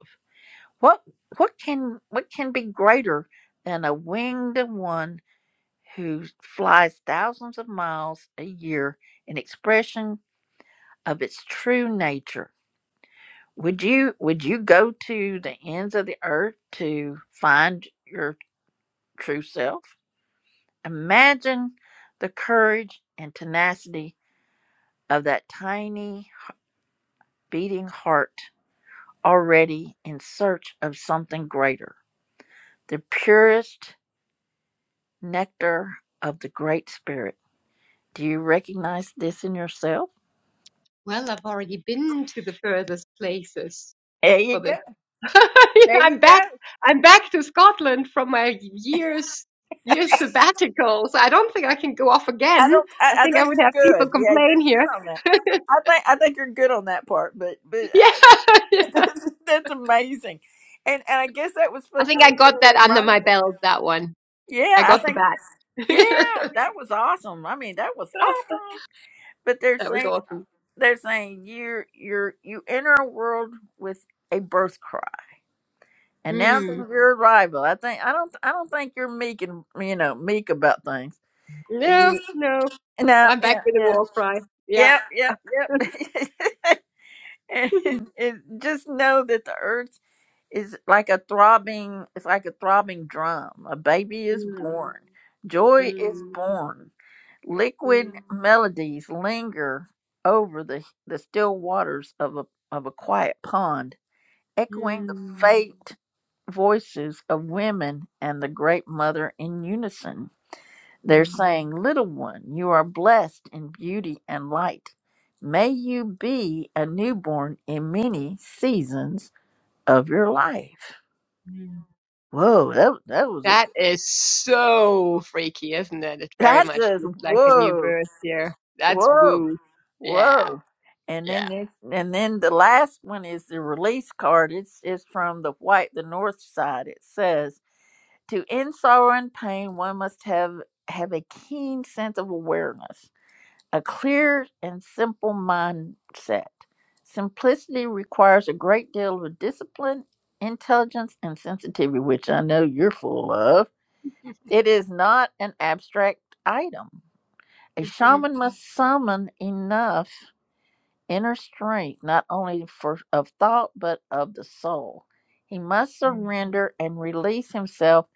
Speaker 1: What what can what can be greater than a winged one who flies thousands of miles a year in expression of its true nature. Would you would you go to the ends of the earth to find your true self? Imagine the courage and tenacity of that tiny beating heart already in search of something greater, the purest nectar of the great spirit. Do you recognize this in yourself?
Speaker 4: Well, I've already been to the furthest places
Speaker 1: There you
Speaker 4: for the.
Speaker 1: go. There
Speaker 4: I'm
Speaker 1: you go.
Speaker 4: back. I'm back to Scotland from my years years sabbatical, so I don't think I can go off
Speaker 1: I
Speaker 4: again.
Speaker 1: don't. I,
Speaker 4: I
Speaker 1: I
Speaker 4: think I
Speaker 1: think
Speaker 4: would have
Speaker 1: you're
Speaker 4: people
Speaker 1: good. Yeah, you're
Speaker 4: complain here.
Speaker 1: good on that. I think. I think you're good on that part. But but
Speaker 4: yeah, yeah.
Speaker 1: that's, that's amazing, and and I guess that was
Speaker 4: I
Speaker 1: supposed to
Speaker 4: think I
Speaker 1: be
Speaker 4: got that
Speaker 1: a
Speaker 4: under my
Speaker 1: reminder.
Speaker 4: belt. That one.
Speaker 1: Yeah,
Speaker 4: I
Speaker 1: I
Speaker 4: got the
Speaker 1: think.
Speaker 4: bat.
Speaker 1: Yeah, that was awesome. I mean, that was awesome. But they're
Speaker 4: that was
Speaker 1: saying
Speaker 4: awesome.
Speaker 1: they're saying you're you're you enter a world with a birth cry, announcing
Speaker 4: Mm.
Speaker 1: your arrival. I think I don't I don't think you're meek and you know meek about things.
Speaker 4: No, no.
Speaker 1: No,
Speaker 4: I'm back
Speaker 1: yeah,
Speaker 4: with a
Speaker 1: yeah.
Speaker 4: war cry. Yeah.
Speaker 1: Yep, yep, yep. and, and just know that the earth is like a throbbing, it's like a throbbing drum. A baby is
Speaker 4: Mm,
Speaker 1: born. Joy is
Speaker 4: mm,
Speaker 1: born. Liquid
Speaker 4: mm,
Speaker 1: melodies linger over the, the still waters of a, of a quiet pond, echoing the
Speaker 4: mm,
Speaker 1: faint voices of women and the great mother in unison. They're
Speaker 4: mm,
Speaker 1: saying, Little one, you are blessed in beauty and light. May you be a newborn in many seasons of your life.
Speaker 4: mm.
Speaker 1: Whoa, that, that was a,
Speaker 4: That is so freaky, isn't it? It very
Speaker 1: that
Speaker 4: much
Speaker 1: just,
Speaker 4: feels like a new
Speaker 1: whoa,
Speaker 4: birth here. That's
Speaker 1: whoa,
Speaker 4: woo. Yeah,
Speaker 1: whoa. And then
Speaker 4: yeah.
Speaker 1: this, and then the last one is the release card. It's, it's from the white, the north side. It says, to end sorrow and pain, one must have, have a keen sense of awareness a clear and simple mindset. Simplicity requires a great deal of discipline, intelligence, and sensitivity, which I know you're full of. It is not an abstract item. A
Speaker 4: hmm
Speaker 1: shaman must summon enough inner strength, not only for, of thought, but of the soul. He must surrender and release himself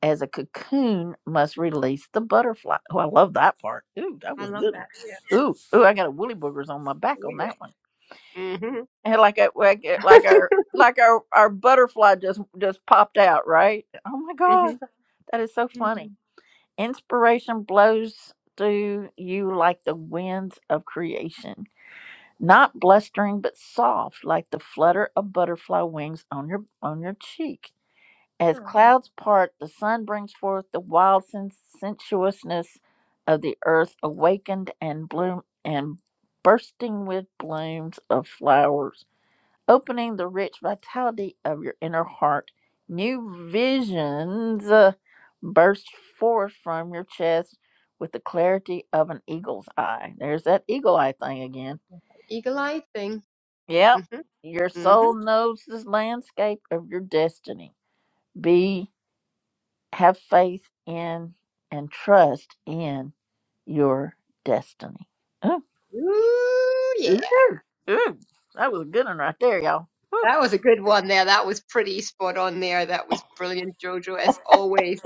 Speaker 1: as a cocoon must release the butterfly. Oh, I love that part. Ooh, that
Speaker 4: I
Speaker 1: was
Speaker 4: love
Speaker 1: good.
Speaker 4: that. Yeah,
Speaker 1: Ooh, ooh, I
Speaker 4: yeah.
Speaker 1: got a woolly boogers on my back
Speaker 4: Oh,
Speaker 1: on that one.
Speaker 4: yeah. hmm
Speaker 1: And like I, like, I- like our like our, our butterfly just just popped out, right? Oh my
Speaker 4: hmm
Speaker 1: god. That is so
Speaker 4: hmm
Speaker 1: funny. Inspiration blows through you like the winds of creation not blustering but soft like the flutter of butterfly wings on your on your cheek as clouds part the sun brings forth the wild sen- sensuousness of the earth awakened and bloom and bursting with blooms of flowers opening the rich vitality of your inner heart new visions uh, burst forth from your chest with the clarity of an eagle's eye there's that eagle eye thing again
Speaker 4: Eagle eyed thing.
Speaker 1: Yep.
Speaker 4: Mhm,
Speaker 1: Your
Speaker 4: mhm.
Speaker 1: soul knows this landscape of your destiny. Be have faith in and trust in your destiny. Ooh.
Speaker 4: Ooh, yeah.
Speaker 1: Ooh. Ooh. That was a good one right there, y'all. Whew.
Speaker 4: That was a good one there. That was pretty spot on there. That was brilliant, Jojo, as always.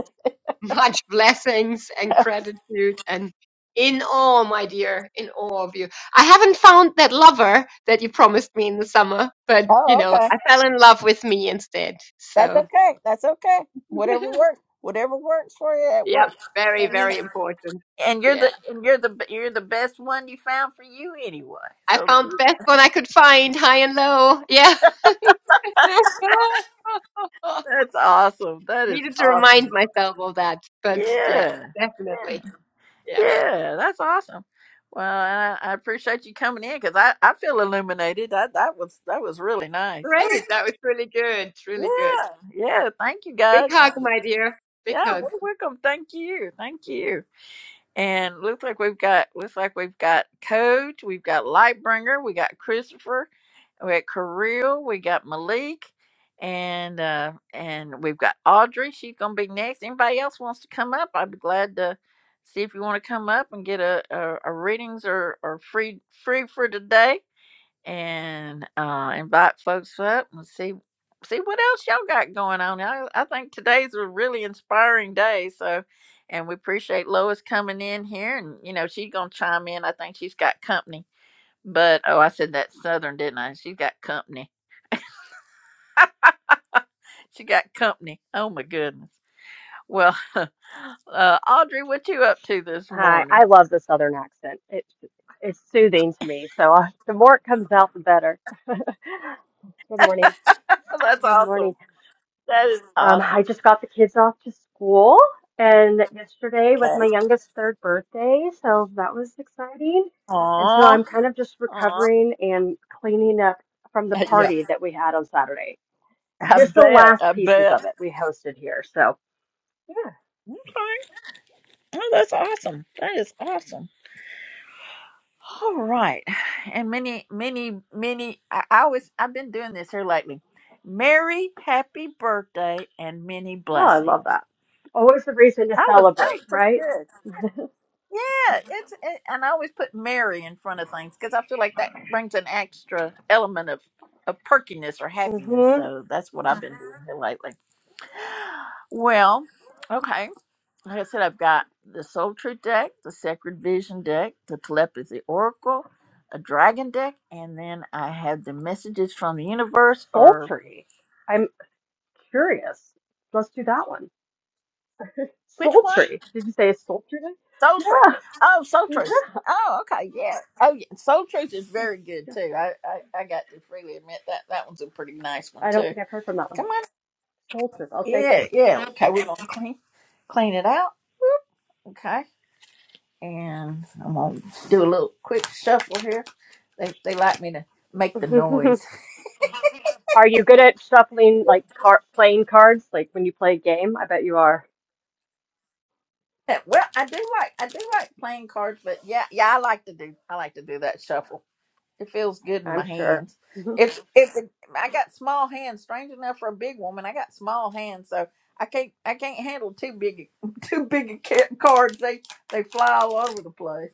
Speaker 4: Much blessings and gratitude and in awe, my dear, in awe of you. I haven't found that lover that you promised me in the summer, but you
Speaker 1: Oh,
Speaker 4: know,
Speaker 1: okay.
Speaker 4: I fell in love with me instead.
Speaker 1: That's
Speaker 4: So,
Speaker 1: okay. That's okay. Whatever works. Whatever works for you, it
Speaker 4: yep,
Speaker 1: works.
Speaker 4: very,
Speaker 1: And you know,
Speaker 4: very important.
Speaker 1: And you're the
Speaker 4: Yeah.
Speaker 1: and you're the you're the best one you found for you anyway.
Speaker 4: I
Speaker 1: So
Speaker 4: found the
Speaker 1: that-
Speaker 4: best one I could find, high and low. Yeah.
Speaker 1: that's awesome. That is
Speaker 4: Needed to remind
Speaker 1: awesome.
Speaker 4: myself of that, but yes,
Speaker 1: Yeah. Yeah.
Speaker 4: definitely. Yeah.
Speaker 1: Yeah, that's awesome. Well, I, I appreciate you coming in because I, I feel illuminated. That that was that was really nice.
Speaker 4: Great. That was really good. Really good.
Speaker 1: Oh, Yeah, yeah. Thank you
Speaker 4: Big
Speaker 1: guys.
Speaker 4: hug, my dear. Big
Speaker 1: Yeah,
Speaker 4: hug.
Speaker 1: welcome. Thank you. Thank you. And looks like we've got looks like we've got Coach, we've got Lightbringer, we got Christopher, we got Kirill, we got Malik, and uh and we've got Audrey. She's gonna be next. Anybody else wants to come up? I'd be glad to see if you want to come up and get a, a, a readings or, or free free for today and uh, invite folks up and see see what else y'all got going on. I, I think today's a really inspiring day. So, and we appreciate Lois coming in here, and you know she's gonna chime in. I think she's got company. But oh, I said that Southern, didn't I? She's got company. She got company. Oh my goodness. Well, uh, Audrey, what you up to this
Speaker 5: Hi,
Speaker 1: morning?
Speaker 5: I love the Southern accent. It's it's soothing to me. So uh, the more it comes out, the better. Good morning.
Speaker 1: That's
Speaker 5: Good morning.
Speaker 1: awesome. That is
Speaker 5: Um,
Speaker 1: awesome.
Speaker 5: I just got the kids off to school, and yesterday was
Speaker 1: Okay.
Speaker 5: my youngest third birthday, so that was exciting. And so
Speaker 1: Aw.
Speaker 5: I'm kind of just
Speaker 1: Aw.
Speaker 5: recovering and cleaning up from the
Speaker 1: Yeah.
Speaker 5: party that we had on Saturday.
Speaker 1: I
Speaker 5: Just the
Speaker 1: bet.
Speaker 5: last
Speaker 1: I
Speaker 5: pieces
Speaker 1: bet.
Speaker 5: of it we hosted here. So yeah,
Speaker 1: Okay. Oh, that's awesome. That is awesome. All right. And many, many, many I, I always I've been doing this here lately. Merry happy birthday and many
Speaker 5: oh, I love
Speaker 1: blessings.
Speaker 5: that. Always a reason to
Speaker 1: I was that
Speaker 5: celebrate,
Speaker 1: was pretty
Speaker 5: right?
Speaker 1: good. Yeah, it's it, and I always put Mary in front of things because I feel like that brings an extra element of of perkiness or happiness.
Speaker 5: Mm-hmm.
Speaker 1: So that's what I've been doing here lately. Well, okay. like I said, I've got the Soul Tree deck, the Sacred Vision deck, the Telepathy Oracle, a Dragon deck, and then I have the Messages from the Universe, or
Speaker 5: Sultry. I'm curious. Let's do that one.
Speaker 1: which one?
Speaker 5: Sultry. Did you say sultry?
Speaker 1: Soul Tree.
Speaker 5: Yeah.
Speaker 1: Oh, Soul Tree. Oh, okay, yeah. Oh, yeah. Soul Truth is very good
Speaker 5: yeah.
Speaker 1: too. I, I, I got to freely admit that that one's a pretty nice one
Speaker 5: I don't
Speaker 1: too.
Speaker 5: think I've heard from that one.
Speaker 1: Come on,
Speaker 5: Sultry. I'll take it.
Speaker 1: yeah, yeah. Okay, we're gonna clean, clean it out. Whoop. Okay, and I'm gonna do a little quick shuffle here. They, they like me to make the noise.
Speaker 5: are you good at shuffling, like car- playing cards, like when you play a game? I bet you are.
Speaker 1: Yeah, well, I do like I do like playing cards, but yeah, yeah, I like to do I like to do that shuffle. It feels good in my
Speaker 5: I'm sure.
Speaker 1: hands. It's it's I got small hands. Strange enough for a big woman, I got small hands, so I can't I can't handle too big too big a ca- cards. They they fly all over the place.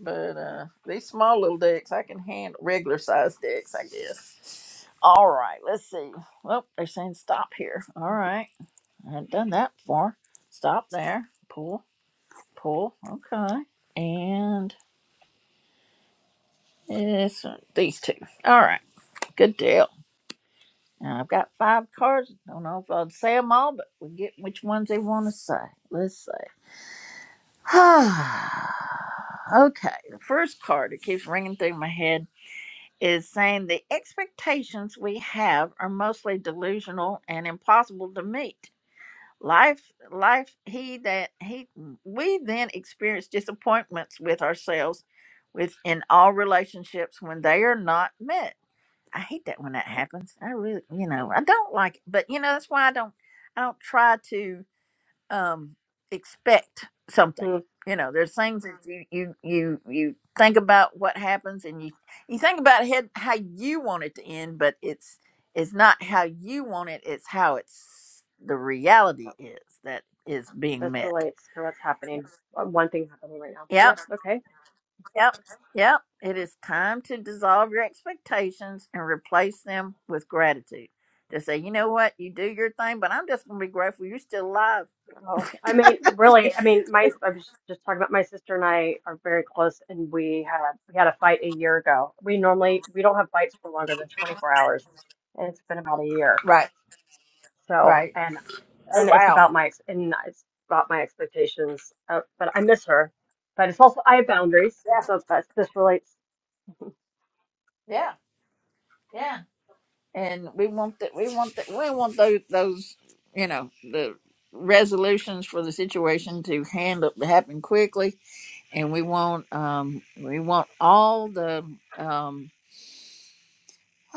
Speaker 1: But uh these small little decks, I can handle regular size decks, I guess. All right, let's see. Oh, they're saying stop here. All right, I've done that before. Stop there. Pull. Pull. Okay. And this, these two. All right. Good deal. Now I've got five cards. Don't know if I'll say them all, but we get which ones they want to say. Let's see. okay. The first card that keeps ringing through my head is saying the expectations we have are mostly delusional and impossible to meet. life life he that he we then experience disappointments with ourselves with in all relationships when they are not met i hate that when that happens i really you know i don't like it but you know that's why i don't i don't try to um, expect something.
Speaker 5: Mhm.
Speaker 1: You know, there's things that you you you, you think about what happens, and you you think about head, how you want it to end, but it's it's not how you want it. It's how it's the
Speaker 5: Hmm.
Speaker 1: reality is that is being
Speaker 5: This
Speaker 1: met.
Speaker 5: relates to what's happening. uh, One thing happening right now.
Speaker 1: Yep,
Speaker 5: Yep. Okay.
Speaker 1: yep, yep. It is time to dissolve your expectations and replace them with gratitude. To say, you know what, you do your thing, but I'm just gonna be grateful you're still alive.
Speaker 5: Oh, I mean, really, I mean, my, I was just talking about my sister and I are very close and we had, we had a fight a year ago. We normally, we don't have fights for longer than 24 hours and it's been about a year.
Speaker 1: Right,
Speaker 5: So,
Speaker 1: right.
Speaker 5: and,
Speaker 1: Oh,
Speaker 5: and it's
Speaker 1: wow.
Speaker 5: about my, ex and it's about my expectations, uh, but I miss her, but it's also, I have boundaries.
Speaker 1: Yeah.
Speaker 5: So that's, this relates.
Speaker 1: Yeah, yeah. And we want that. We want that. We want those. Those. You know the resolutions for the situation to handle to happen quickly, and we want um we want all the um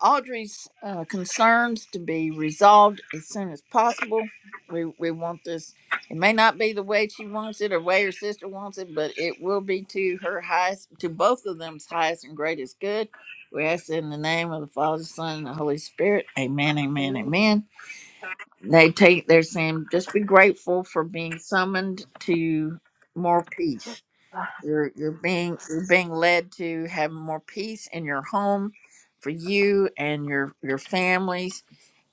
Speaker 1: Audrey's uh, concerns to be resolved as soon as possible. We we want this. It may not be the way she wants it or way her sister wants it, but it will be to her highest, to both of them's highest and greatest good. We ask it in the name of the Father, Son, and the Holy Spirit. Amen. Amen.
Speaker 5: Amen.
Speaker 1: Amen. They take. They're saying just be grateful for being summoned to more peace
Speaker 5: Ah,
Speaker 1: you're you're being you're being led to have more peace in your home for you and your your families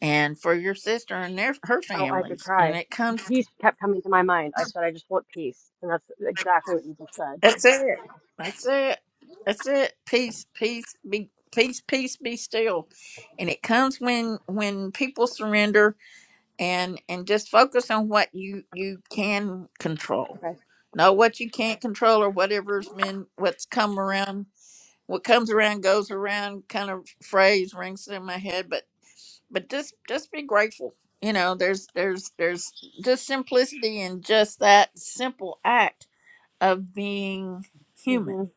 Speaker 1: and for your sister and their her
Speaker 5: Oh, I could
Speaker 1: families. And
Speaker 5: cry.
Speaker 1: it comes
Speaker 5: Peace kept coming to my mind. I said, I just want peace. And that's exactly what you just said.
Speaker 1: that's it. That's it. That's it. Peace, peace, be peace, peace, be still. And it comes when when people surrender and and just focus on what you you can control.
Speaker 5: Okay.
Speaker 1: Not what you can't control or whatever's been what's come around what comes around goes around kind of phrase rings through my head but but just just be grateful you know there's there's there's just simplicity in just that simple act of being
Speaker 5: Mm-hmm.
Speaker 1: human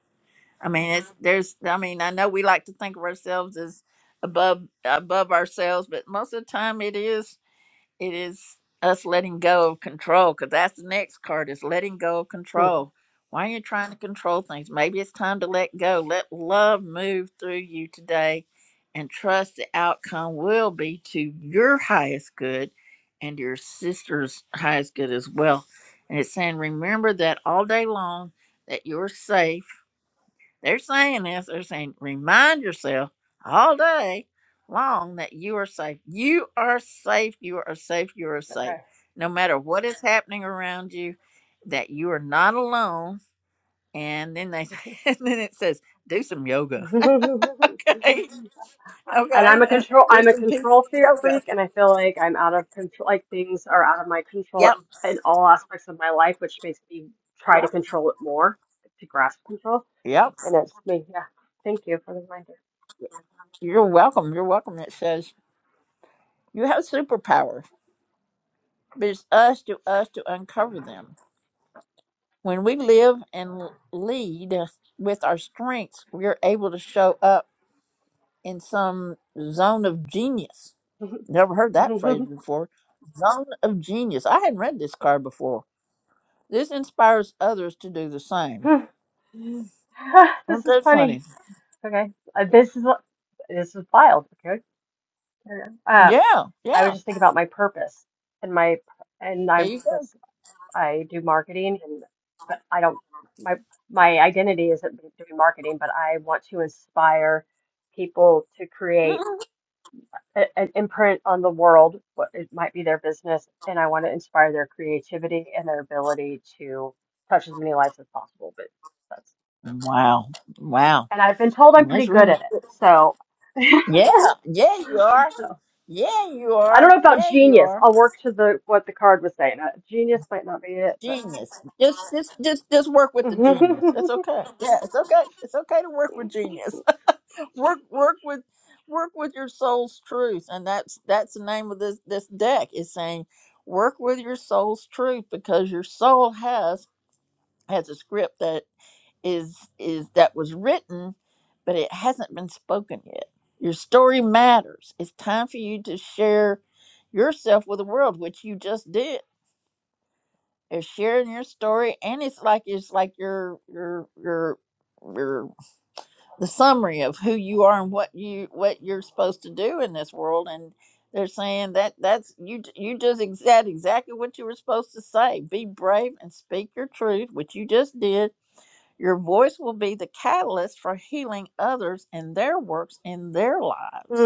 Speaker 1: i mean it's there's i mean i know we like to think of ourselves as above above ourselves but most of the time it is it is us letting go of control because that's the next card is letting go of
Speaker 5: hmm
Speaker 1: control why are you trying to control things maybe it's time to let go let love move through you today and trust the outcome will be to your highest good and your sister's highest good as well and it's saying remember that all day long that you're safe they're saying this. They're saying, remind yourself all day long that you are safe. You are safe. You are safe. You are safe.
Speaker 5: Okay.
Speaker 1: No matter what is happening around you, that you are not alone. And then they,
Speaker 5: Mm-hmm.
Speaker 1: and then it says, do some yoga. okay.
Speaker 5: And I'm
Speaker 1: Okay.
Speaker 5: a
Speaker 1: Uh,
Speaker 5: control
Speaker 1: do
Speaker 5: I'm a
Speaker 1: some peaceful
Speaker 5: control fe-
Speaker 1: yoga.
Speaker 5: freak and I feel like I'm out of control like things are out of my control
Speaker 1: Yep.
Speaker 5: in all aspects of my life, which makes me try
Speaker 1: Yep.
Speaker 5: to control it more to grasp control.
Speaker 1: Yep.
Speaker 5: And it's me. Yeah. Thank you for the
Speaker 1: You're welcome. You're welcome. It says you have superpowers, but it's us to us to uncover them When we live and lead with our strengths, we're able to show up in some zone of genius. Never heard
Speaker 5: reminder.
Speaker 1: that phrase before. Zone of genius. I hadn't read this card before. This inspires others to do the same. Aren't
Speaker 5: This is
Speaker 1: that funny?
Speaker 5: funny. Okay. Uh, this is this is wild. Okay. Um,
Speaker 1: Yeah,
Speaker 5: I was
Speaker 1: yeah.
Speaker 5: just thinking about my purpose and my and
Speaker 1: There
Speaker 5: I
Speaker 1: you go.
Speaker 5: that's I do marketing and but I don't my my identity isn't doing marketing, but I want to inspire people to create
Speaker 1: Mhm.
Speaker 5: a, an imprint on the world, what it might be their business, and I want to inspire their creativity and their ability to touch as many lives as possible. But that's
Speaker 1: Wow, wow.
Speaker 5: and I've been told I'm
Speaker 1: And
Speaker 5: pretty
Speaker 1: this
Speaker 5: good
Speaker 1: room is.
Speaker 5: at it. So,
Speaker 1: Yeah, yeah, you are.
Speaker 5: so
Speaker 1: Yeah, you
Speaker 5: I don't
Speaker 1: are.
Speaker 5: know about
Speaker 1: Yeah, you
Speaker 5: genius.
Speaker 1: are.
Speaker 5: I'll work to the what the card was saying. Uh, Genius might not be it, but
Speaker 1: Genius. Just, just, just, just work with the genius. It's okay. Yeah, it's okay. It's okay to work with genius. work, work with, work with your soul's truth, and that's that's the name of this this deck is saying, work with your soul's truth because your soul has has a script that is is that was written, but it hasn't been spoken yet. Your story matters. It's time for you to share yourself with the world, which you just did they're sharing your story, and it's like it's like your your your your the summary of who you are and what you what you're supposed to do in this world. And they're saying that that's you j- you just ex- said exactly what you were supposed to say. Be brave and speak your truth, which you just did. Your voice will be the catalyst for healing others and their works in their lives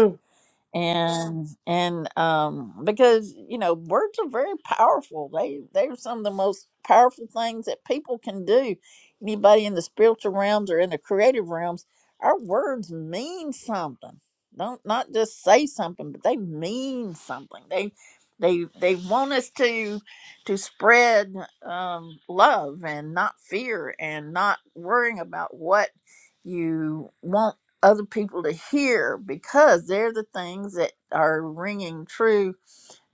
Speaker 1: and and um because you know words are very powerful they they're some of the most powerful things that people can do anybody in the spiritual realms or in the creative realms our words mean something don't not just say something but they mean something they they they want us to to spread um love and not fear and not worrying about what you want other people to hear because they're the things that are ringing true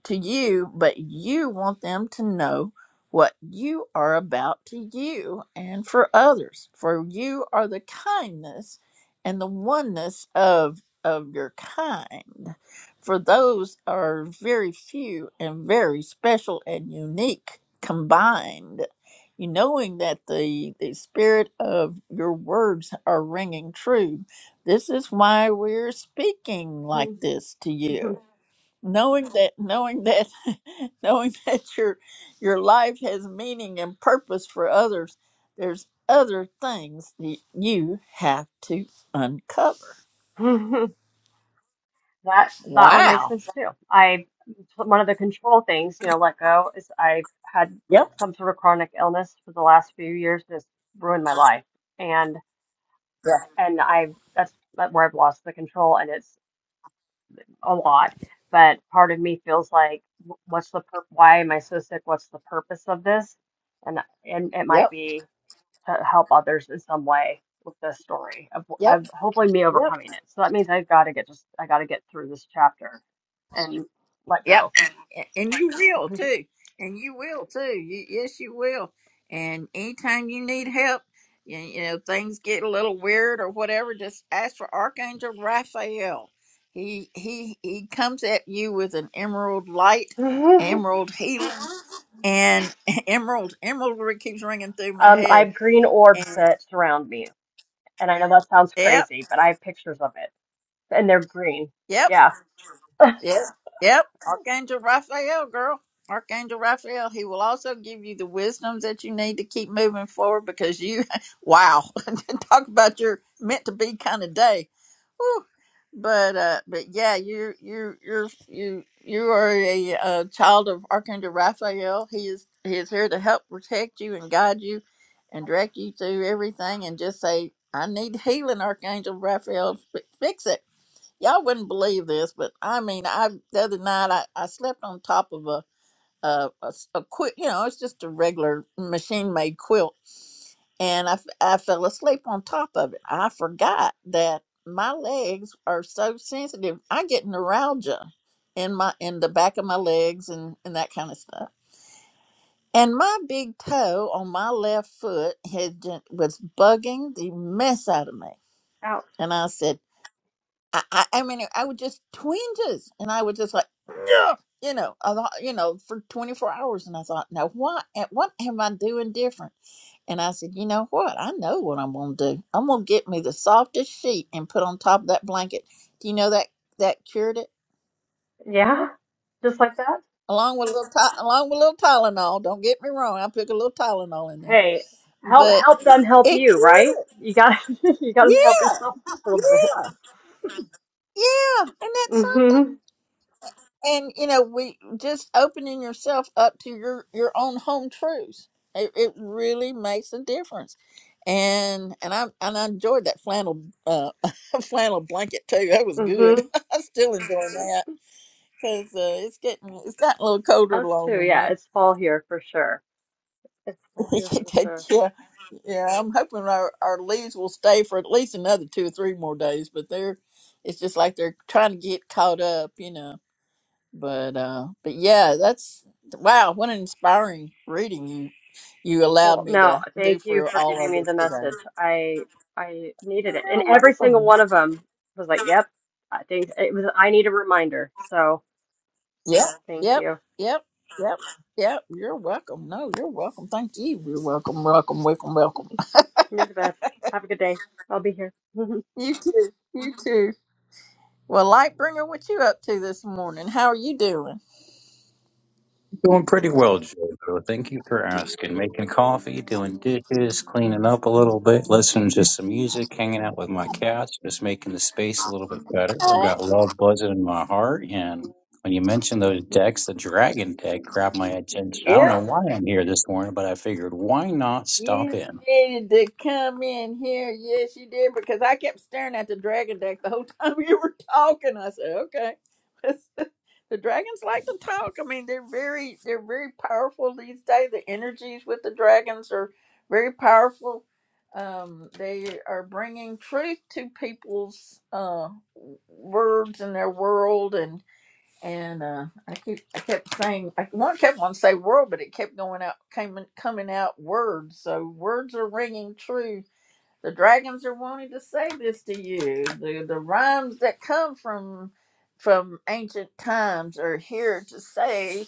Speaker 1: to you, but you want them to know what you are about to you and for others. For you are the kindness and the oneness of of your kind. For those are very few and very special and unique combined. You knowing that the the spirit of your words are ringing true. This is why we're speaking like
Speaker 5: Mm.
Speaker 1: this to you knowing that knowing that knowing that your your life has meaning and purpose for others there's other things that you have to uncover
Speaker 5: That that one makes
Speaker 1: wow
Speaker 5: sense too. I one of the control things, you know, let go is I've had
Speaker 1: yep
Speaker 5: some sort of chronic illness for the last few years that's ruined my life. And
Speaker 1: Yeah.
Speaker 5: and I that's that where I've lost the control and it's a lot. But part of me feels like wh- what's the pur why am I so sick? What's the purpose of this? And and it might
Speaker 1: yep
Speaker 5: be to help others in some way with this story of,
Speaker 1: yep
Speaker 5: of hopefully me
Speaker 1: yep
Speaker 5: overcoming it. So that means I've got to get just I got to get through this chapter and let
Speaker 1: Yep.
Speaker 5: go.
Speaker 1: And and you will too. And you will too. You, yes, you will. And anytime you need help, you, you know, things get a little weird or whatever, just ask for Archangel Raphael. He he he comes at you with an emerald light,
Speaker 5: um,
Speaker 1: emerald healing, and emerald emerald really keeps ringing through my
Speaker 5: I
Speaker 1: head.
Speaker 5: have green orbs
Speaker 1: And
Speaker 5: that surround me, and I know that sounds
Speaker 1: yep,
Speaker 5: crazy, but I have pictures of it, and they're green.
Speaker 1: yep.
Speaker 5: Yeah.
Speaker 1: Yep. Yep. Archangel Raphael, girl. Archangel Raphael, he will also give you the wisdom that you need to keep moving forward because you, wow, talk about your meant to be kind of day. Whew. But uh, but yeah, you you you're you you are a, uh child of Archangel Raphael. He is he is here to help protect you and guide you, and direct you through everything. And just say, I need healing, Archangel Raphael. Fi- Fix it y'all wouldn't believe this, but I mean, I the other night I, I slept on top of a a, a s- a quilt. You know, it's just a regular machine made quilt, and I f- I fell asleep on top of it. I forgot that my legs are so sensitive. I get neuralgia in my in the back of my legs and and that kind of stuff. And my big toe on my left foot had ju- was bugging the mess out of me.
Speaker 5: Ouch.
Speaker 1: And I said. I, I, I mean, I would just twinges, and I would just like, "Ugh," you know, I thought, you know, for 24 hours, and I thought, now what, eh, what am I doing different? And I said, you know what? I know what I'm gonna do. I'm gonna get me the softest sheet and put on top of that blanket. Do you know that that cured it,
Speaker 5: Yeah. Just like that.
Speaker 1: along with a little, ty- along with a little Tylenol. Don't get me wrong, I put a little Tylenol in there,
Speaker 5: Hey, help
Speaker 1: but
Speaker 5: help them help
Speaker 1: it
Speaker 5: you,
Speaker 1: cured. it.
Speaker 5: right? You got to you got to help
Speaker 1: Yeah,
Speaker 5: yourself a little bit.
Speaker 1: yeah, yeah. isn't that something?
Speaker 5: Mhm.
Speaker 1: and you know we just opening yourself up to your your own home truths it, it really makes a difference and and i and i enjoyed that flannel uh flannel blanket too that was good
Speaker 5: Mhm.
Speaker 1: i still enjoy that because uh, it's getting it's gotten a little colder
Speaker 5: Us
Speaker 1: along the
Speaker 5: too. Yeah,
Speaker 1: way
Speaker 5: it's fall here for sure. It's all here for sure.
Speaker 1: yeah yeah i'm hoping our, our leaves will stay for at least another two or three more days but they're it's just like they're trying to get caught up you know but uh but yeah that's wow what an inspiring reading you you allowed
Speaker 5: Well,
Speaker 1: me
Speaker 5: no,
Speaker 1: to do
Speaker 5: thank you
Speaker 1: for
Speaker 5: for
Speaker 1: all
Speaker 5: giving
Speaker 1: of
Speaker 5: me
Speaker 1: us
Speaker 5: the
Speaker 1: today
Speaker 5: message. I I needed it, and
Speaker 1: you're
Speaker 5: every single
Speaker 1: welcome
Speaker 5: one of them was like, "Yep, I think it was. I need a reminder." So
Speaker 1: yep
Speaker 5: thank
Speaker 1: yep
Speaker 5: you.
Speaker 1: yep yep yep you're welcome no you're welcome thank you you're welcome welcome welcome welcome
Speaker 5: You're the best. Have a good day. I'll be here.
Speaker 1: you too you too well lightbringer what you up to this morning how are you doing
Speaker 6: Doing pretty well, Jojo. Thank you for asking. Making coffee, doing dishes, cleaning up a little bit, listening to some music, hanging out with my cats, just making the space a little bit better. I've got love buzzing in my heart. And when you mentioned those decks, the dragon deck grabbed my attention. I
Speaker 1: Hey.
Speaker 6: don't know why I'm here this morning, but I figured why not stop
Speaker 1: You
Speaker 6: in?
Speaker 1: needed to come in here. Yes, you did, because I kept staring at the dragon deck the whole time you were talking. I said, okay. the dragons like to talk. I mean, they're very they're very powerful these days. The energies with the dragons are very powerful. Um, they are bringing truth to people's uh, words and their world, and." and uh, I keep I kept saying I want kept on say world, but it kept going out coming coming out words. So words are ringing true. The dragons are wanting to say this to you. The the rhymes that come from from ancient times are here to say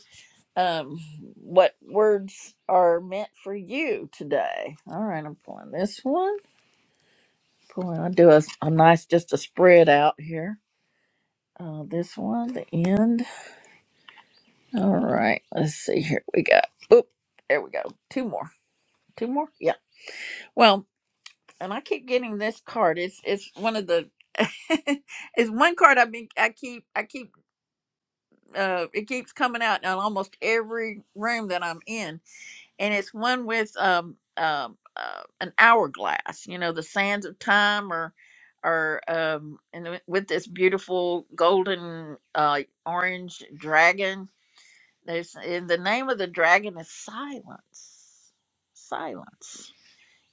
Speaker 1: um, what words are meant for you today. All right, I'm pulling this one. Pulling, I do a, a nice just a spread out here. Uh, this one, the end. All right, let's see here. We got, oop, there we go. Two more, two more. Yeah. Well, and I keep getting this card. It's it's one of the, it's one card I've been I keep I keep uh it keeps coming out in almost every room that I'm in, and it's one with um um uh, an hourglass. You know, the sands of time or or um and with this beautiful golden uh orange dragon There's in the name of the dragon is silence. Silence.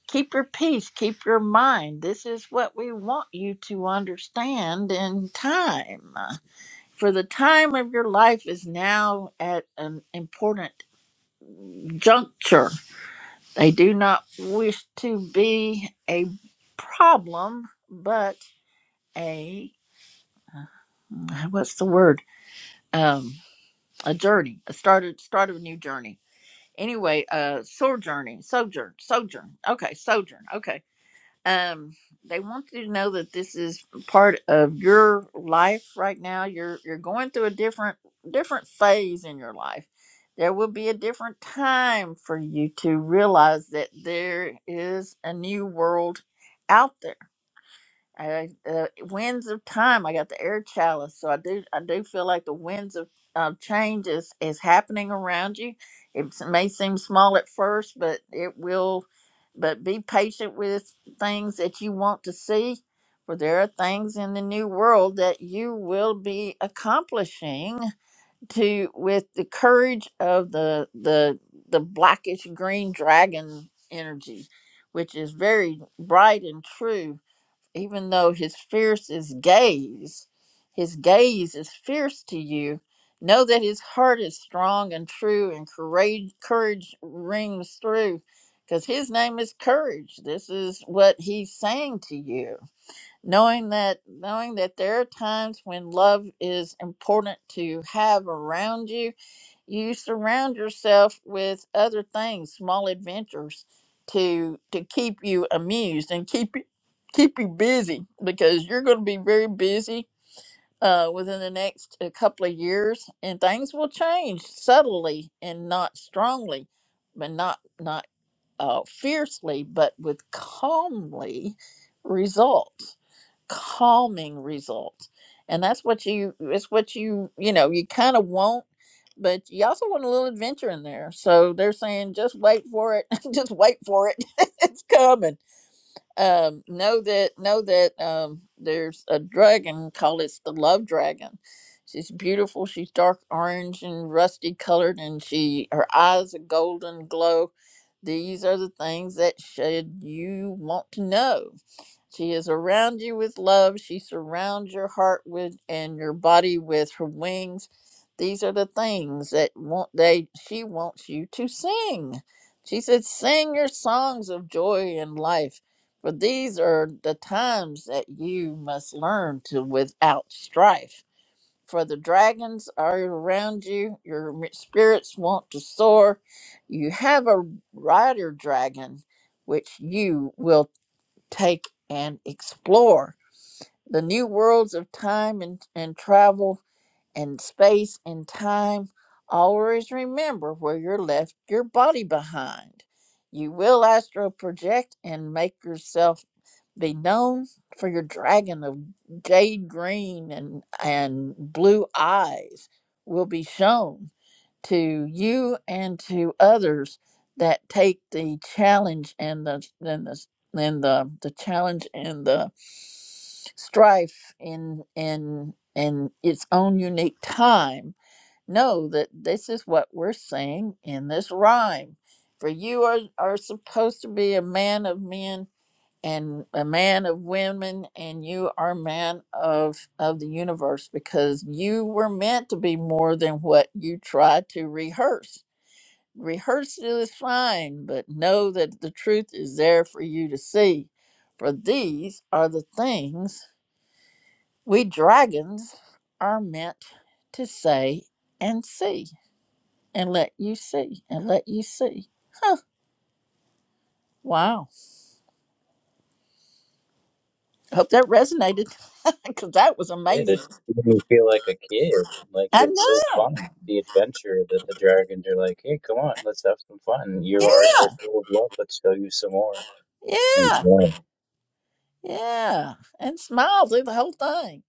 Speaker 1: Keep your peace, keep your mind. This is what we want you to understand in time. For the time of your life is now at an important juncture. They do not wish to be a problem, but a what's the word? Um, a journey, a start, start of a new journey anyway, uh, sojourning, sojourn, sojourn. Okay, sojourn. Okay. Um, they want you to know that this is part of your life right now. You're you're going through a different different phase in your life. There will be a different time for you to realize that there is a new world out there I, uh, winds of time. I got the air chalice, so I do. I do feel like the winds of uh, change is is happening around you. It s- may seem small at first, but it will. But be patient with things that you want to see, for there are things in the new world that you will be accomplishing to with the courage of the the the blackish green dragon energy, which is very bright and true even though his fiercest gaze, his gaze is fierce to you, know that his heart is strong and true, and courage, courage rings through, because his name is courage. This is what he's saying to you, knowing that knowing that there are times when love is important to have around you, you surround yourself with other things small adventures to to keep you amused and keep you keep you busy because you're going to be very busy uh, within the next uh, couple of years and things will change subtly and not strongly but not not uh, fiercely but with calmly results calming results and that's what you it's what you you know you kind of want but you also want a little adventure in there so they're saying just wait for it just wait for it it's coming um, know that know that um, there's a dragon called it's the love dragon. She's beautiful. She's dark orange and rusty colored, and she her eyes a golden glow. These are the things that should you want to know. She is around you with love. She surrounds your heart with and your body with her wings. These are the things that want they she wants you to sing. She said, "Sing your songs of joy and life." For these are the times that you must learn to without strife. For the dragons are around you, your spirits want to soar. You have a rider dragon, which you will take and explore. The new worlds of time and, and travel and space and time. Always remember where you left your body behind. You will astral project and make yourself be known for your dragon of jade green and and blue eyes will be shown to you and to others that take the challenge and the and the and the, the challenge and the strife in in in its own unique time know that this is what we're saying in this rhyme for you are are supposed to be a man of men and a man of women and you are man of of the universe because you were meant to be more than what you try to rehearse rehearse is fine but know that the truth is there for you to see for these are the things we dragons are meant to say and see and let you see and let you see wow hope that resonated because that was
Speaker 6: It,
Speaker 1: amazing
Speaker 6: it made me feel like a kid. Like
Speaker 1: i
Speaker 6: it's so
Speaker 1: know
Speaker 6: fun, the adventure that the dragons are like, hey, come on, let's have some fun. You are
Speaker 1: yeah
Speaker 6: so full of love, let's show you some more.
Speaker 1: Yeah,
Speaker 6: enjoying.
Speaker 1: yeah. And smile through the whole thing.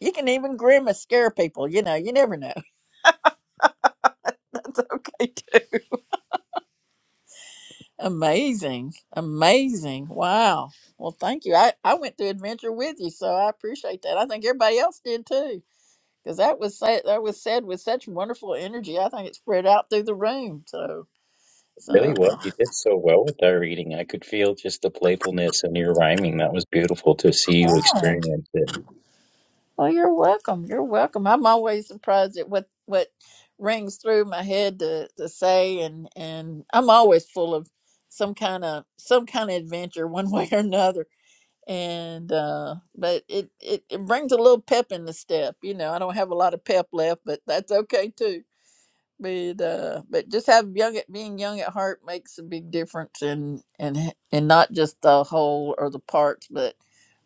Speaker 1: You can even grimace, scare people. You know, you never know. That's okay too. Amazing. Amazing. Wow. Well, thank you. I, I went through adventure with you, so I appreciate that. I think everybody else did too. Because that was said, that was said with such wonderful energy. I think it spread out through the room. So
Speaker 6: It
Speaker 1: so
Speaker 6: really was. You did so well with our reading. I could feel just the playfulness in your rhyming. That was beautiful to see you
Speaker 1: uh,
Speaker 6: experience it.
Speaker 1: Oh, you're welcome. You're welcome. I'm always surprised at what what rings through my head to, to say, and and I'm always full of some kind of some kind of adventure, one way or another. And uh, but it, it it brings a little pep in the step. You know, I don't have a lot of pep left, but that's okay too. But uh, but just have young at being young at heart makes a big difference, and and and not just the whole or the parts, but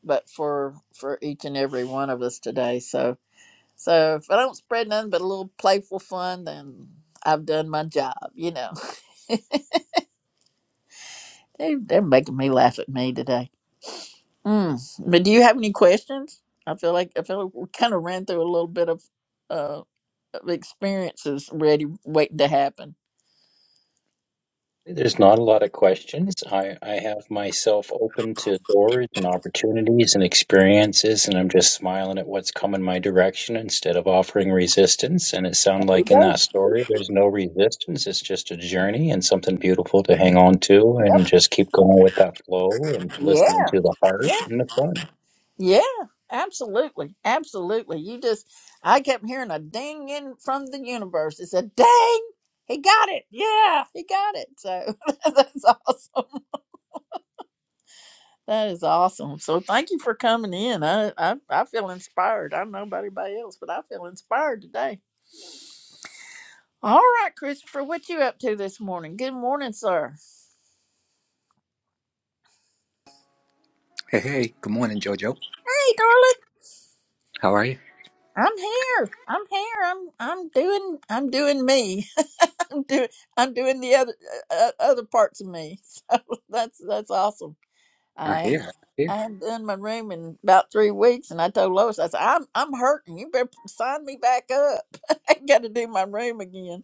Speaker 1: but for for each and every one of us today. So so if I don't spread nothing but a little playful fun, then I've done my job. You know, they, they're making me laugh at me today. Mm. But do you have any questions? I feel like I feel like we kind of ran through a little bit of uh of experiences ready waiting to happen.
Speaker 6: There's not a lot of questions. I, I have myself open to doors and opportunities and experiences, and I'm just smiling at what's coming my direction instead of offering resistance. And it
Speaker 1: There
Speaker 6: sounded
Speaker 1: you
Speaker 6: like in
Speaker 1: go.
Speaker 6: that story, there's no resistance. It's just a journey and something beautiful to hang on to and
Speaker 1: Yep.
Speaker 6: just keep going with that flow and listening
Speaker 1: Yeah.
Speaker 6: to the heart
Speaker 1: Yeah.
Speaker 6: and the fun.
Speaker 1: Yeah. Absolutely. Absolutely. You just I kept hearing a ding in from the universe. It said, "Dang, he got it. Yeah, he got it." So that's awesome. That is awesome. So thank you for coming in. I, I I feel inspired. I don't know about anybody else, but I feel inspired today. All right, Christopher, what you up to this morning? Good morning, sir.
Speaker 7: Hey, hey, good morning, Jojo.
Speaker 1: Hey, darling.
Speaker 7: How are you?
Speaker 1: I'm here. I'm here. I'm I'm doing I'm doing me. I'm doing I'm doing the other uh, uh, other parts of me. So that's that's awesome.
Speaker 7: I
Speaker 1: I
Speaker 7: hear, I
Speaker 1: I
Speaker 7: hear.
Speaker 1: haven't done my room in about three weeks, and I told Lois I said I'm I'm hurting. You better sign me back up. I got to do my room again.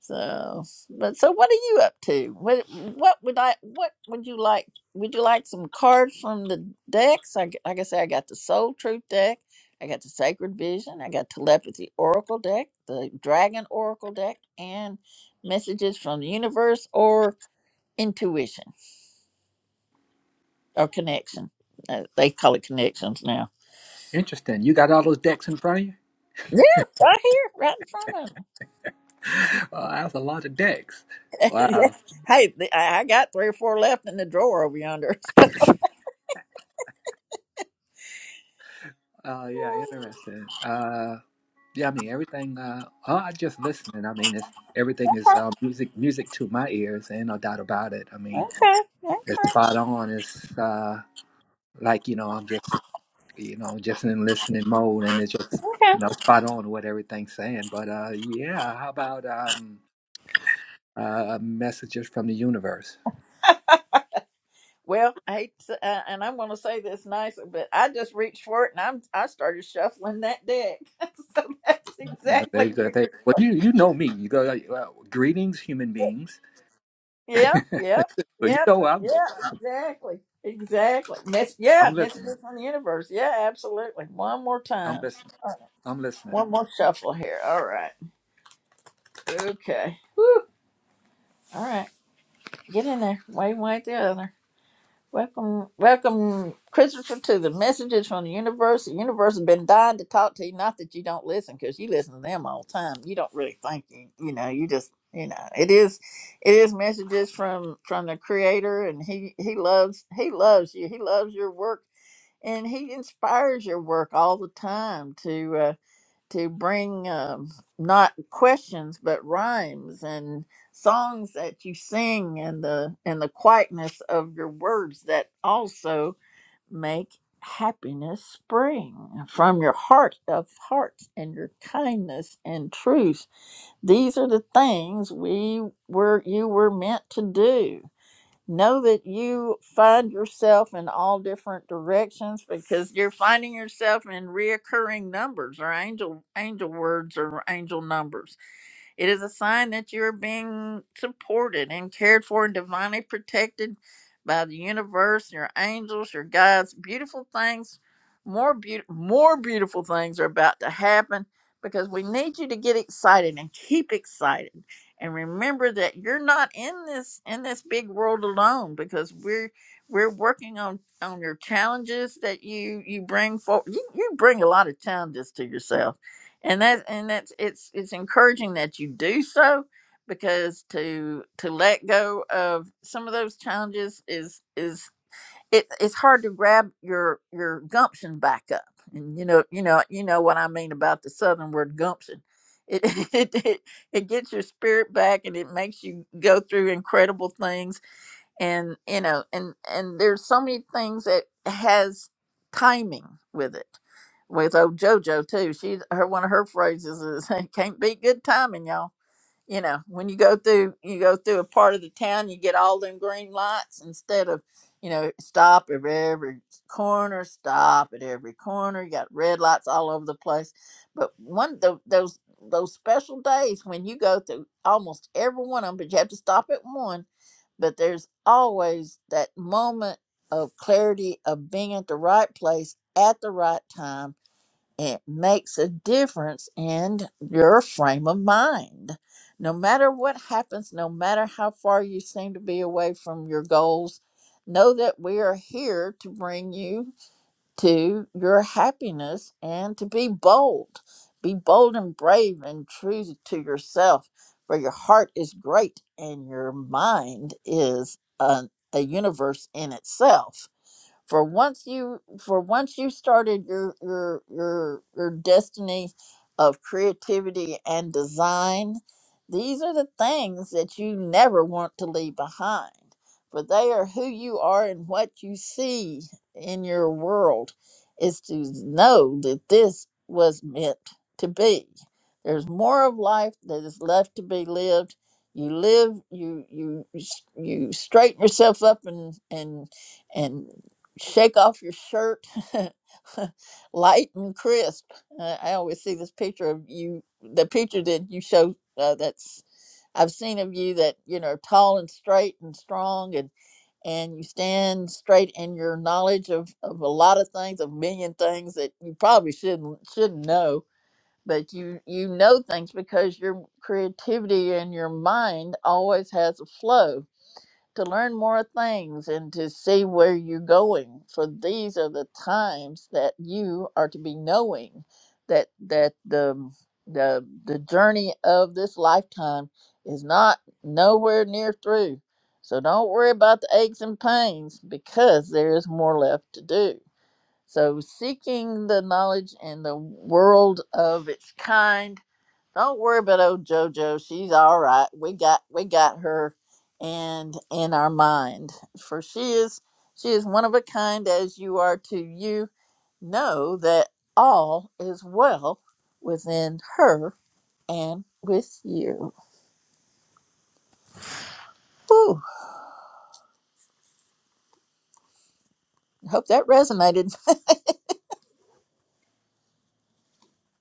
Speaker 1: So, but so what are you up to? What what would I what would you like? Would you like some cards from the decks? I, g- like I say, I got the Soul Truth deck, I got the Sacred Vision, I got Telepathy Oracle deck, the Dragon Oracle deck, and messages from the universe or intuition or connection. Uh, they call it connections now.
Speaker 7: Interesting. You got all those decks in front of you?
Speaker 1: Yeah, right here, right in front of me.
Speaker 7: Well, that's a lot of decks.
Speaker 1: Yeah.
Speaker 7: Wow.
Speaker 1: hey, the- I I got three or four left in the drawer over yonder.
Speaker 7: Oh, yeah, interesting. Uh, yeah, I mean, everything, uh, oh, I just listening. I mean, it's everything is uh, music music to my ears, ain't no doubt about it. I mean,
Speaker 1: okay,
Speaker 7: it's
Speaker 1: okay.
Speaker 7: spot on. It's uh, like, you know, I'm just, you know, just in listening mode, and it's just,
Speaker 1: Okay.
Speaker 7: you know, spot on what everything's saying. But uh, yeah, how about um, uh, messages from the universe?
Speaker 1: Well, I hate to, uh, and I'm going to say this nicely, but I just reached for it and I'm I started shuffling that deck. so that's exactly
Speaker 7: They, they,
Speaker 1: where you're.
Speaker 7: well,
Speaker 1: supposed-
Speaker 7: you you know me. You go like, well, greetings, human beings.
Speaker 1: Yep, yep,
Speaker 7: so you
Speaker 1: yep,
Speaker 7: know
Speaker 1: uh,
Speaker 7: I'm going.
Speaker 1: yeah, exactly, exactly. Mess, yeah,
Speaker 7: I'm listening.
Speaker 1: messages from the universe. Yeah, absolutely. One more
Speaker 7: I'm
Speaker 1: time,
Speaker 7: listening.
Speaker 1: Uh,
Speaker 7: I'm listening.
Speaker 1: one more shuffle here. All right. Okay. Whew. All right. Get in there. Way, way the other. Welcome, welcome, Christopher, to the messages from the universe. The universe has been dying to talk to you. Not that you don't listen, because you listen to them all the time. You don't really think you, you know. You just, you know, it is, it is messages from from the Creator, and he he loves he loves you. He loves your work, and he inspires your work all the time. to. Uh, to bring um, not questions but rhymes and songs that you sing and the and the quietness of your words that also make happiness spring from your heart of hearts and your kindness and truth these are the things we were you were meant to do know that you find yourself in all different directions because you're finding yourself in reoccurring numbers or angel angel words or angel numbers it is a sign that you are being supported and cared for and divinely protected by the universe, your angels, your guides. Beautiful things, more beautiful, more beautiful things are about to happen because we need you to get excited and keep excited and remember that you're not in this in this big world alone because we're we're working on on your challenges that you you bring forward you, you bring a lot of challenges to yourself and that and that's it's it's encouraging that you do so because to to let go of some of those challenges is is it, it's hard to grab your your gumption back up and you know you know you know what i mean about the southern word gumption it it, it, it gets your spirit back and it makes you go through incredible things and you know and and there's so many things that has timing with it with old jojo too she her one of her phrases is it can't be good timing y'all you know when you go through you go through a part of the town you get all them green lights instead of you know stop at every corner stop at every corner you got red lights all over the place but one tho- those those special days when you go through almost every one of them but you have to stop at one but there's always that moment of clarity of being at the right place at the right time it makes a difference in your frame of mind. No matter what happens, no matter how far you seem to be away from your goals, know that we are here to bring you to your happiness and to be bold. Be bold and brave and true to yourself, for your heart is great and your mind is a, a universe in itself for once you for once you started your your your your destiny of creativity and design these are the things that you never want to leave behind for they are who you are and what you see in your world is to know that this was meant to be there's more of life that is left to be lived you live you you you straighten yourself up and and and shake off your shirt, light and crisp. Uh, I always see this picture of you, the picture that you show uh, that's I've seen of you that you know tall and straight and strong and and you stand straight in your knowledge of of a lot of things, a million things that you probably shouldn't shouldn't know. But you you know things because your creativity and your mind always has a flow to learn more things and to see where you're going for these are the times that you are to be knowing that that the the the journey of this lifetime is not nowhere near through so don't worry about the aches and pains because there is more left to do so seeking the knowledge in the world of its kind don't worry about old JoJo. She's all right. We got we got her and in our mind. For she is she is one of a kind as you are to you. Know that all is well within her and with you. Whew. I Hope that resonated.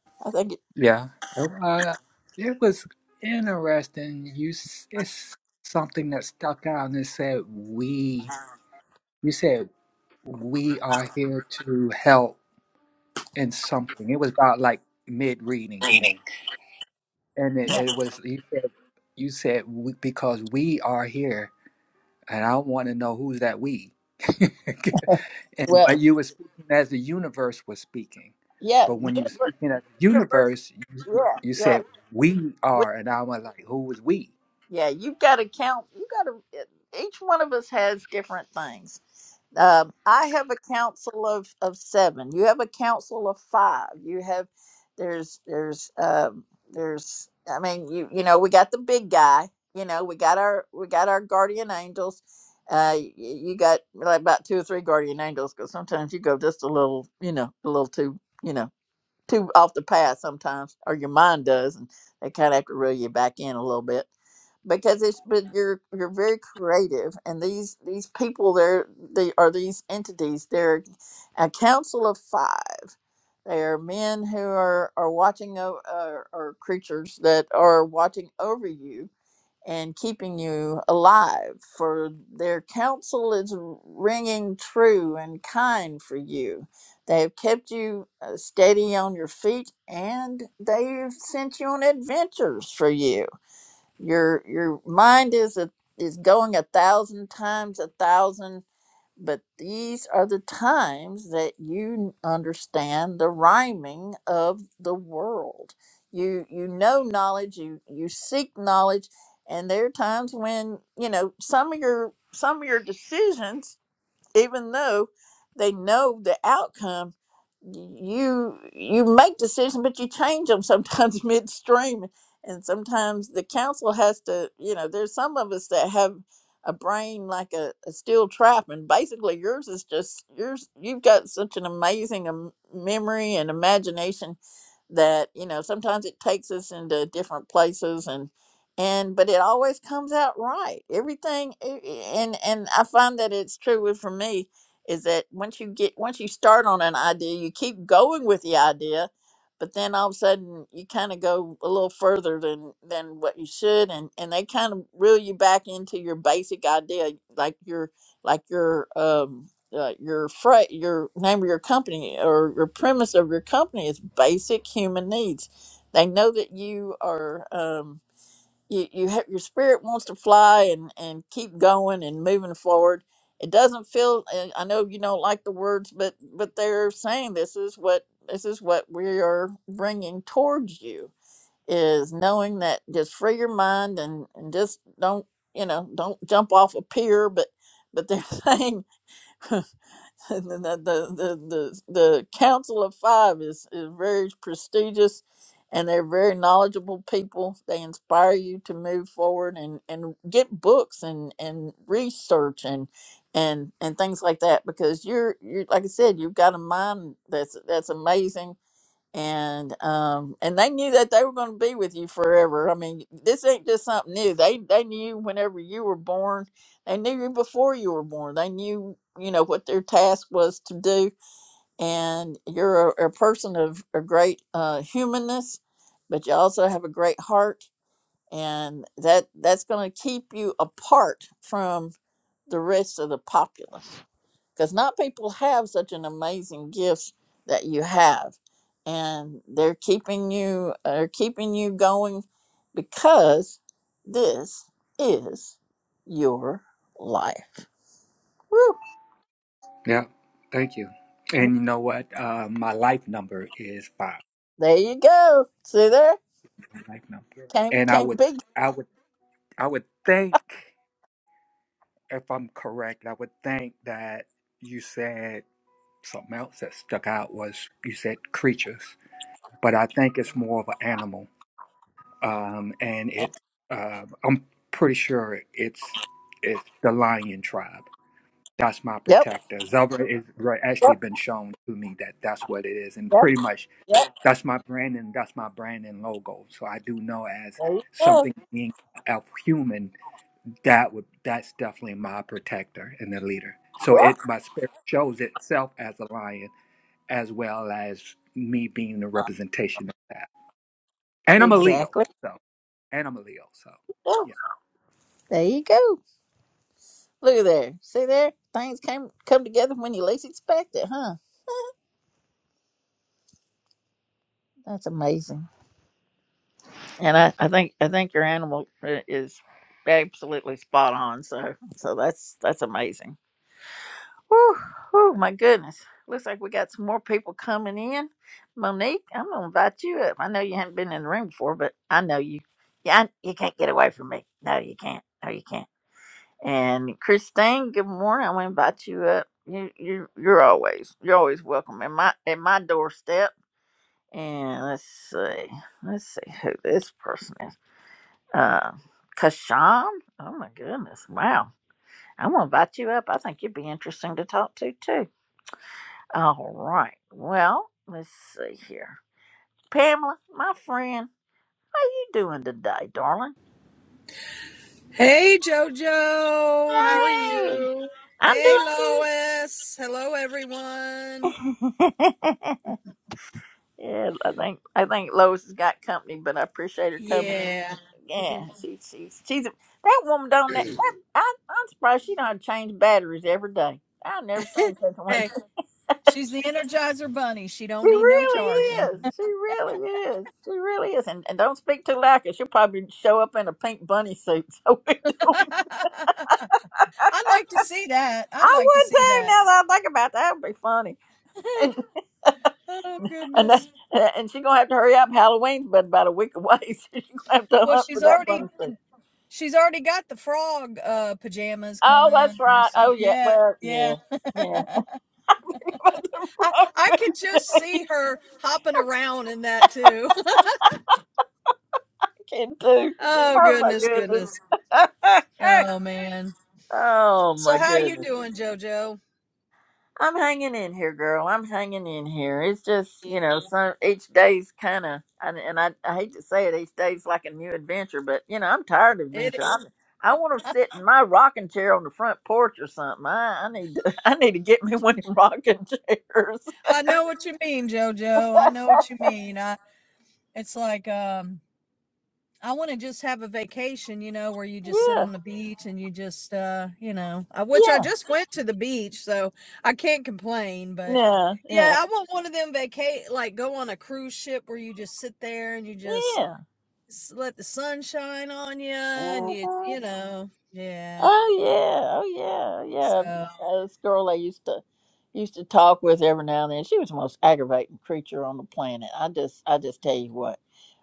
Speaker 1: I think it
Speaker 7: Yeah. Uh, it was interesting. You, s- it's something that stuck out, and it said we. You said we are here to help in something. It was about like mid reading, and it,
Speaker 1: yeah.
Speaker 7: it was you said you said we, because we are here and I don't want to know who's that we. and but
Speaker 1: well.
Speaker 7: you were speaking as the universe was speaking,
Speaker 1: Yeah.
Speaker 7: but
Speaker 1: you
Speaker 7: when you were speaking as the
Speaker 1: first-
Speaker 7: universe, you,
Speaker 1: Yeah.
Speaker 7: you
Speaker 1: Yeah.
Speaker 7: said we
Speaker 1: We-
Speaker 7: are, and I was like, who was we?
Speaker 1: Yeah. You've got to count. You got to. Each one of us has different things Uh, I have a council of, of seven. You have a council of five. You have there's there's um, there's I mean you you know we got the big guy. You know we got our we got our guardian angels. Uh, y- you got like about two or three guardian angels because sometimes you go just a little you know a little too you know too off the path sometimes, or your mind does, and they kind of have to reel you back in a little bit because it's but you're you're very creative, and these these people there they are these entities. They're a council of five. They are men who are are watching over uh, or creatures that are watching over you and keeping you alive, for their counsel is ringing true and kind for you. They have kept you uh, steady on your feet, and they've sent you on adventures for you. Your your mind is a, is going a thousand times a thousand but these are the times that you understand the rhyming of the world you you know knowledge you you seek knowledge and there are times when you know some of your some of your decisions even though they know the outcome you you make decisions but you change them sometimes midstream and sometimes the council has to you know there's some of us that have a brain like a, a steel trap and basically yours is just yours you've got such an amazing um, memory and imagination that you know sometimes it takes us into different places and and but it always comes out right everything i- i- and and i find that it's true with- for me is that once you get once you start on an idea you keep going with the idea but then all of a sudden you kind of go a little further than than what you should and and they kind of reel you back into your basic idea like your like your um uh, your fra- your name of your company or your premise of your company is basic human needs they know that you are um you you have your spirit wants to fly and and keep going and moving forward it doesn't feel and i know you don't like the words but but they're saying this is what this is what we are bringing towards you is knowing that just free your mind and and just don't you know don't jump off a pier but but they're saying the, the, the, the Council of Five is, is very prestigious and they're very knowledgeable people. They inspire you to move forward and, and get books and, and research and and and things like that because you're you are like I said, you've got a mind that's that's amazing and um and they knew that they were going to be with you forever i mean this ain't just something new they they knew whenever you were born they knew you before you were born they knew you know what their task was to do and you're a, a person of a great uh humanness but you also have a great heart and that that's going to keep you apart from the rest of the populace because not people have such an amazing gifts that you have and they're keeping you are keeping you going because this is your life Woo.
Speaker 7: Yeah, thank you. And you know what? Uh, my life number is five.
Speaker 1: there you go see there
Speaker 7: My life number,
Speaker 1: can't
Speaker 7: and I
Speaker 1: can't
Speaker 7: would,
Speaker 1: be
Speaker 7: I would, I would think if I'm correct, I would think that you said something else that stuck out was you said creatures, but I think it's more of an animal um, and it uh, I'm pretty sure it's it's the lion tribe. That's my
Speaker 1: yep
Speaker 7: protector. Zelda is right, actually
Speaker 1: yep
Speaker 7: been shown to me that that's what it is, and
Speaker 1: yep
Speaker 7: pretty much
Speaker 1: yep
Speaker 7: that's my branding. That's my branding logo. So I do know as
Speaker 1: there you go
Speaker 7: something being a human that would that's definitely my protector and the leader. So
Speaker 1: yep
Speaker 7: it my spirit shows itself as a lion as well as me being the
Speaker 1: uh,
Speaker 7: representation of that. And I'm a Leo,
Speaker 1: exactly
Speaker 7: so and I'm a Leo, so.
Speaker 1: yeah.
Speaker 7: yeah.
Speaker 1: there you go look at there see there things came come together when you least expect it huh that's amazing and I, I think I think your animal i- is absolutely spot on. So so that's that's amazing. Whew, whew, my goodness! Looks like we got some more people coming in. Monique, I'm gonna invite you up. I know you haven't been in the room before, but I know you. Yeah, I, you can't get away from me. No, you can't. No, you can't. And Christine, good morning. I'm gonna invite you up. You you you're always you're always welcome at my at my doorstep. And let's see, let's see who this person is. Uh, Kashawn? Oh my goodness. Wow. I'm going to invite you up. I think you'd be interesting to talk to, too. All right. Well, let's see here. Pamela, my friend, how you doing today, darling?
Speaker 8: Hey Jojo, how are
Speaker 1: Hey,
Speaker 8: you?
Speaker 1: I'm
Speaker 8: Hey
Speaker 1: doing
Speaker 8: Lois, hello everyone.
Speaker 1: good. yeah, I think I think Lois has got company, but I appreciate her coming in.
Speaker 8: Yeah.
Speaker 1: Yeah, she, she's she's a- that woman don't that, that I, I'm surprised she don't change batteries every day. I've never seen such one.
Speaker 8: hey, she's the Energizer Bunny. She
Speaker 1: She
Speaker 8: don't need no
Speaker 1: really
Speaker 8: charging.
Speaker 1: is. She really is. She really is. And, and don't speak too loud, she she'll probably show up in a pink bunny suit. So we don't.
Speaker 8: I'd like to see that. I'd
Speaker 1: I
Speaker 8: like to
Speaker 1: would
Speaker 8: see
Speaker 1: too.
Speaker 8: that.
Speaker 1: Now that I think about that, would be funny. And
Speaker 8: oh
Speaker 1: and that,
Speaker 8: goodness.
Speaker 1: and she's gonna have to hurry up. Halloween's but about a week away, so she's gonna have to
Speaker 8: Well,
Speaker 1: hunt for
Speaker 8: she's
Speaker 1: that bunny
Speaker 8: already
Speaker 1: suit.
Speaker 8: she's already got the frog uh pajamas
Speaker 1: Oh, that's
Speaker 8: coming or
Speaker 1: right.
Speaker 8: so.
Speaker 1: Oh yeah.
Speaker 8: Yeah.
Speaker 1: Well,
Speaker 8: Yeah.
Speaker 1: yeah, yeah.
Speaker 8: I I could just
Speaker 1: You
Speaker 8: see her hopping around in that too.
Speaker 1: Can do.
Speaker 8: oh
Speaker 1: Oh my
Speaker 8: goodness,
Speaker 1: goodness.
Speaker 8: goodness. Oh man.
Speaker 1: oh
Speaker 8: So
Speaker 1: my
Speaker 8: how you
Speaker 1: goodness.
Speaker 8: doing, JoJo?
Speaker 1: I'm hanging in here, girl. I'm hanging in here. It's just,
Speaker 8: Yeah.
Speaker 1: you know, some each day's kind of, and, and I, I hate to say it, each day's like a new adventure. But you know, I'm tired of
Speaker 8: It
Speaker 1: adventure. I'm, I want to sit in my rocking chair on the front porch or something. I, I need to, I need to get me one of them rocking chairs.
Speaker 8: I know what you mean, JoJo. I know what you mean. I it's like um I want to just have a vacation, you know, where you just sit
Speaker 1: Yeah,
Speaker 8: on the beach and you just uh, you know, I, which I
Speaker 1: yeah,
Speaker 8: just went to the beach, so I can't complain, but
Speaker 1: yeah,
Speaker 8: yeah, I want one of them vacate like go on a cruise ship where you just sit there and you just
Speaker 1: yeah,
Speaker 8: s- let the sun shine on you and you
Speaker 1: yeah.
Speaker 8: you know, yeah.
Speaker 1: Oh yeah, oh
Speaker 8: So
Speaker 1: yeah, yeah. Uh, This girl I used to used to talk with every now and then. She was the most aggravating creature on the planet. I just I just tell you what.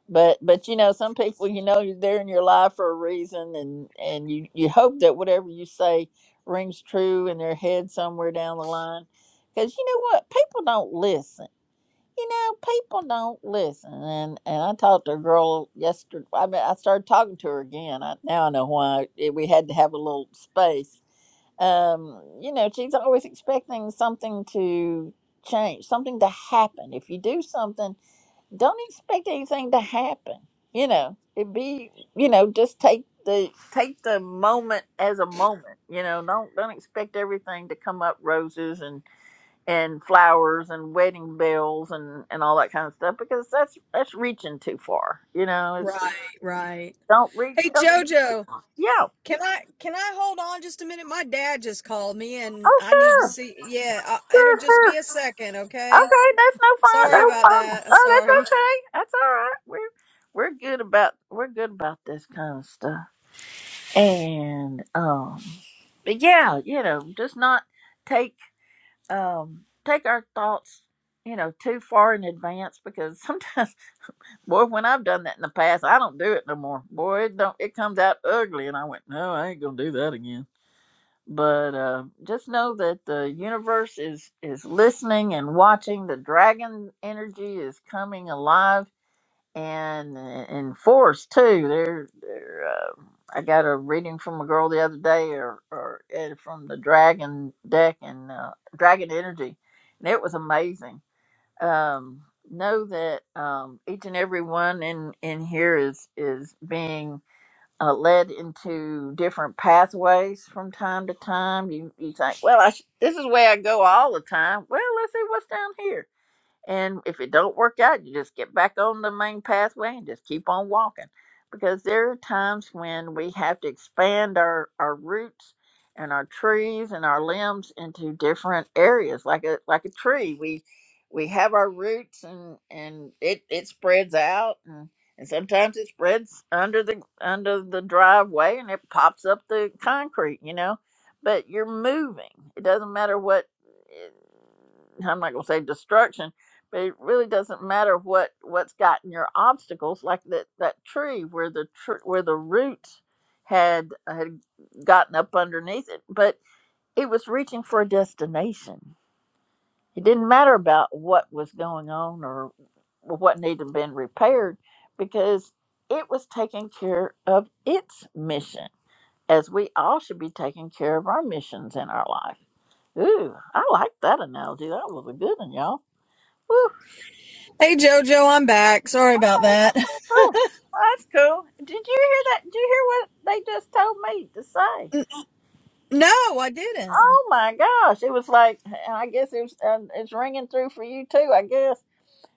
Speaker 1: But but you know, some people you know they're in your life for a reason and and you you hope that whatever you say rings true in their head somewhere down the line. Cuz you know what? People don't listen you know, people don't listen. And and I talked to a girl yesterday. I mean, I started talking to her again. I, now I know why it, we had to have a little space. Um, you know, she's always expecting something to change, something to happen. If you do something, don't expect anything to happen. You know, it be you know just take the take the moment as a moment. You know, don't don't expect everything to come up roses and and flowers and wedding bells and and all that kind of stuff because that's that's reaching too far. You know, it's
Speaker 8: Right, right.
Speaker 1: don't reach.
Speaker 8: Hey
Speaker 1: Don't,
Speaker 8: Jojo,
Speaker 1: yeah.
Speaker 8: can I can I hold on just a minute? My dad just called me, and
Speaker 1: Oh
Speaker 8: I need to
Speaker 1: sure,
Speaker 8: see. Yeah, I, it'll
Speaker 1: sure,
Speaker 8: just be
Speaker 1: sure.
Speaker 8: a second, okay?
Speaker 1: Okay, that's no fun.
Speaker 8: Sorry
Speaker 1: No
Speaker 8: about
Speaker 1: fun.
Speaker 8: that. Uh,
Speaker 1: Oh,
Speaker 8: Sorry.
Speaker 1: that's okay. That's all right. We're we're good about we're good about this kind of stuff. And um, but yeah, you know, just not take um take our thoughts you know too far in advance because sometimes Boy, when I've done that in the past, I don't do it no more. Boy, it don't it comes out ugly, and I went, no, I ain't gonna do that again. But uh, just know that the universe is is listening and watching. The dragon energy is coming alive and uh, in force too. They're, they're uh, I got a reading from a girl the other day, or or uh, from the dragon deck and uh, dragon energy, and it was amazing um, know that um, each and every one in in here is is being uh, led into different pathways from time to time. You you think, well, I sh- this is where I go all the time. Well, let's see what's down here. And if it don't work out, you just get back on the main pathway and just keep on walking. Because there are times when we have to expand our, our roots and our trees and our limbs into different areas. Like a like a tree. We we have our roots and, and it, it spreads out and, and sometimes it spreads under the under the driveway and it pops up the concrete, you know. But you're moving. It doesn't matter what eh, I'm not gonna say destruction but it really doesn't matter what what's gotten your obstacles like that that tree where the tr- where the root had had gotten up underneath it but it was reaching for a destination it didn't matter about what was going on or what needed been repaired because it was taking care of its mission as we all should be taking care of our missions in our life ooh i like that analogy that was a good one y'all Woo.
Speaker 8: Hey Jojo, I'm back. Sorry about that.
Speaker 1: Oh, well, that's cool. Did you hear that? Did you hear what they just told me to say?
Speaker 8: No, I didn't.
Speaker 1: Oh my gosh, it was like I guess it was. Uh, it's ringing through for you too. I guess.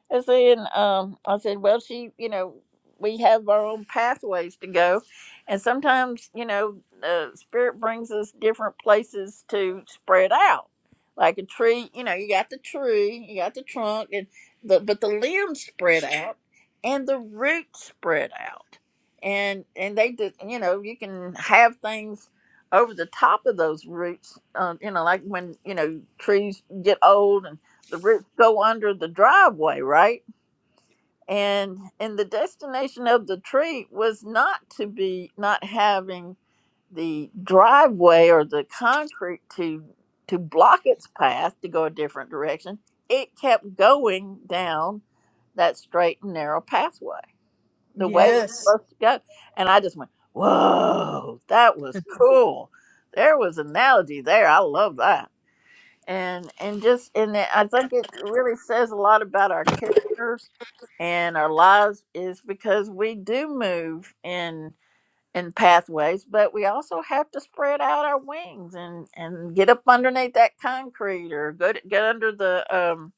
Speaker 1: And then um, I said, well, she, you know, we have our own pathways to go. And sometimes, you know, uh, spirit brings us different places to spread out. Like a tree, you know, you got the tree, you got the trunk, and the, but the limbs spread out and the roots spread out. And, and they did, you know, you can have things over the top of those roots, uh, you know, like when, you know, trees get old the roots go under the driveway, right? And and the destination of the tree was not to be not having the driveway or the concrete to to block its path to go a different direction. It kept going down that straight and narrow pathway the way it's Mhm.
Speaker 8: Yes.
Speaker 1: supposed to go. And I just went, Whoa, that was cool. There was an analogy there. I love that and and just and it- I think it really says a lot about our characters and our lives is because we do move in in pathways, but we also have to spread out our wings and and get up underneath that concrete or go to, get under the um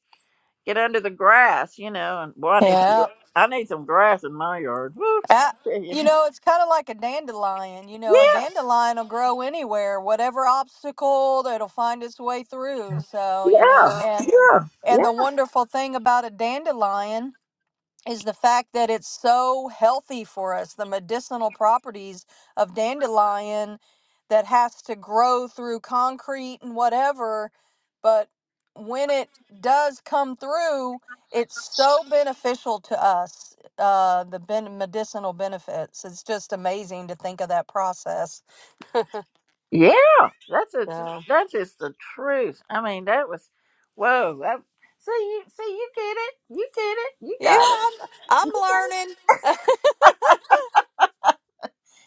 Speaker 1: get under the grass, you know. And well, I need some, gr-
Speaker 8: Yeah.
Speaker 1: I need some grass in my yard. Woo, I
Speaker 8: Ah,
Speaker 1: tell you.
Speaker 8: you know, it's kind of like a dandelion. You know, a
Speaker 1: Yeah,
Speaker 8: dandelion will grow anywhere, whatever obstacle, it'll find its way through. So you know,
Speaker 1: yeah, yeah,
Speaker 8: and
Speaker 1: yeah.
Speaker 8: and the wonderful thing about a dandelion. is the fact that it's so healthy for us the medicinal properties of dandelion that has to grow through concrete and whatever but when it does come through it's so beneficial to us uh, the ben- medicinal benefits it's just amazing to think of that process
Speaker 1: Yeah, that's a,
Speaker 8: so
Speaker 1: that's just the truth. I mean, that was whoa. That, see you see you get it, you get it, you
Speaker 8: yeah
Speaker 1: got it.
Speaker 8: i'm, I'm learning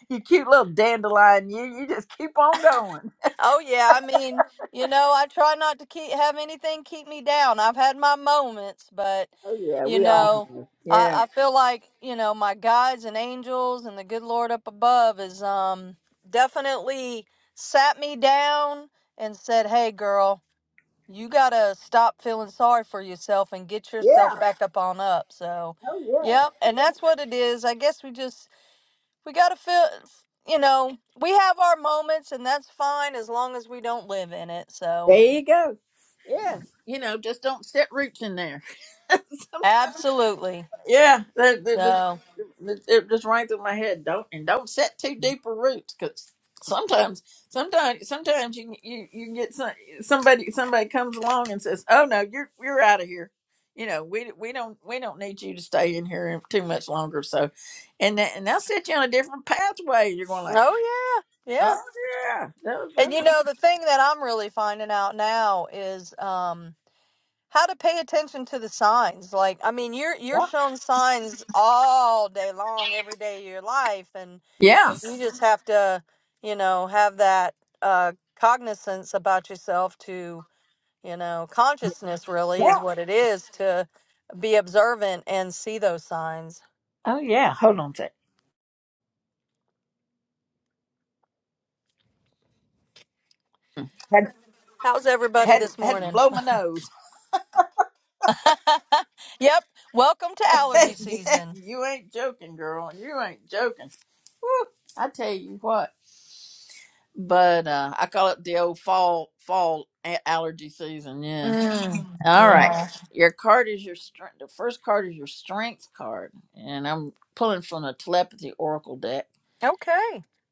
Speaker 1: You cute little dandelion, you you just keep on going.
Speaker 8: Oh yeah, I mean, you know, I try not to keep have anything keep me down. I've had my moments, but
Speaker 1: Oh yeah,
Speaker 8: you
Speaker 1: we all
Speaker 8: know,
Speaker 1: have.
Speaker 8: I,
Speaker 1: Yeah,
Speaker 8: I feel like you know my guides and angels and the good Lord up above is um definitely sat me down and said, "Hey, girl, you gotta stop feeling sorry for yourself and get yourself
Speaker 1: yeah.
Speaker 8: back up on up." So,
Speaker 1: Oh yeah.
Speaker 8: yep, and
Speaker 1: yeah.
Speaker 8: that's what it is. I guess we just we gotta feel you know we have our moments and that's fine as long as we don't live in it so
Speaker 1: There you go. Yeah, you know, just don't set roots in there. Sometimes.
Speaker 8: absolutely
Speaker 1: Yeah, that, that just,
Speaker 8: so
Speaker 1: that- it just rang through my head. Don't and don't set too deep a roots, because sometimes, sometimes, sometimes you you you get some, somebody somebody comes along and says, "Oh no, you're you're out of here." You know, we we don't we don't need you to stay in here too much longer. So, and that and they'll set you on a different pathway. You're going like,
Speaker 8: oh yeah yeah
Speaker 1: "Oh yeah, that was,
Speaker 8: and you
Speaker 1: that
Speaker 8: know the thing that i'm really finding out now is um how to pay attention to the signs like i mean you're you're
Speaker 1: was
Speaker 8: shown signs all day long every day of your life and
Speaker 1: yeah,
Speaker 8: and you just have to you know have that uh cognizance about yourself to. You know, consciousness
Speaker 1: yeah,
Speaker 8: really is
Speaker 1: yeah."
Speaker 8: what it is to be observant and see those signs.
Speaker 1: Oh yeah. Hold on a sec. Had
Speaker 8: How's everybody
Speaker 1: had to,
Speaker 8: this
Speaker 1: had to
Speaker 8: morning?
Speaker 1: blow my nose.
Speaker 8: yep. Welcome to allergy
Speaker 1: yeah,
Speaker 8: season.
Speaker 1: you ain't joking, girl. You ain't joking. Woo, I tell you what. But uh, I call it the old fall fall a- allergy season. Yeah.
Speaker 8: Mm,
Speaker 1: All right.
Speaker 8: yeah.
Speaker 1: Your card is your strength. The first card is your strength card, and I'm pulling from the telepathy oracle deck.
Speaker 8: Okay.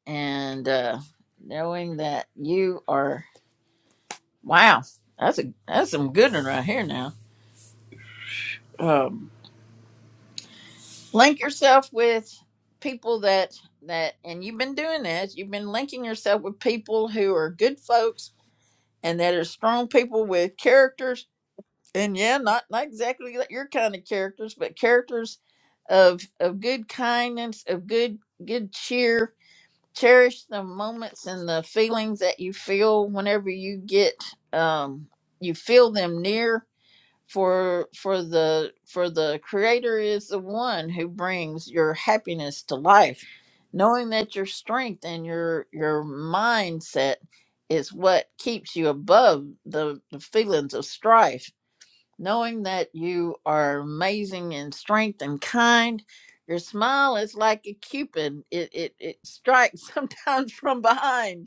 Speaker 1: And uh, knowing that you are wow, that's a that's some good one right here now. Um, link yourself with people that that and you've been doing this you've been linking yourself with people who are good folks and that are strong people with characters and yeah not not exactly like your kind of characters but characters of of good kindness of good good cheer cherish the moments and the feelings that you feel whenever you get um you feel them near for for the for the creator is the one who brings your happiness to life knowing that your strength and your your mindset is what keeps you above the, the feelings of strife knowing that you are amazing in strength and kind your smile is like a cupid it it, it strikes sometimes from behind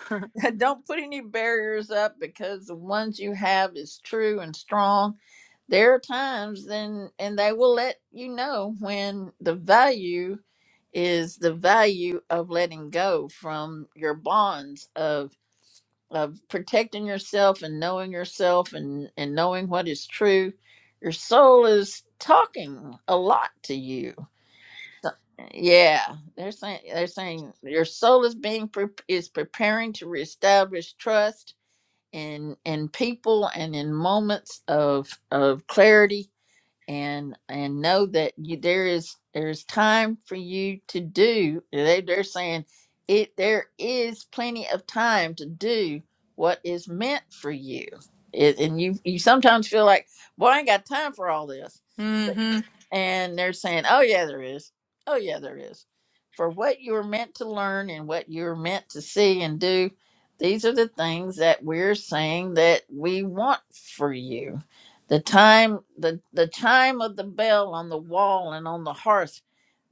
Speaker 1: don't put any barriers up because the ones you have is true and strong. There are times then and they will let you know when the value is the value of letting go from your bonds of of protecting yourself and knowing yourself and and knowing what is true. Your soul is talking a lot to you so- Yeah, they're saying they're saying your soul is being pre- is preparing to reestablish trust in in people and in moments of of clarity and and know that you there is there is time for you to do. They they're saying it there is plenty of time to do what is meant for you. It, and you you sometimes feel like, boy, I ain't got time for all this
Speaker 8: Mm-hmm.
Speaker 1: and they're saying, "Oh yeah, there is. Oh yeah, there is." For what you were meant to learn and what you were meant to see and do, these are the things that we're saying that we want for you. The time, the the chime of the bell on the wall and on the hearth.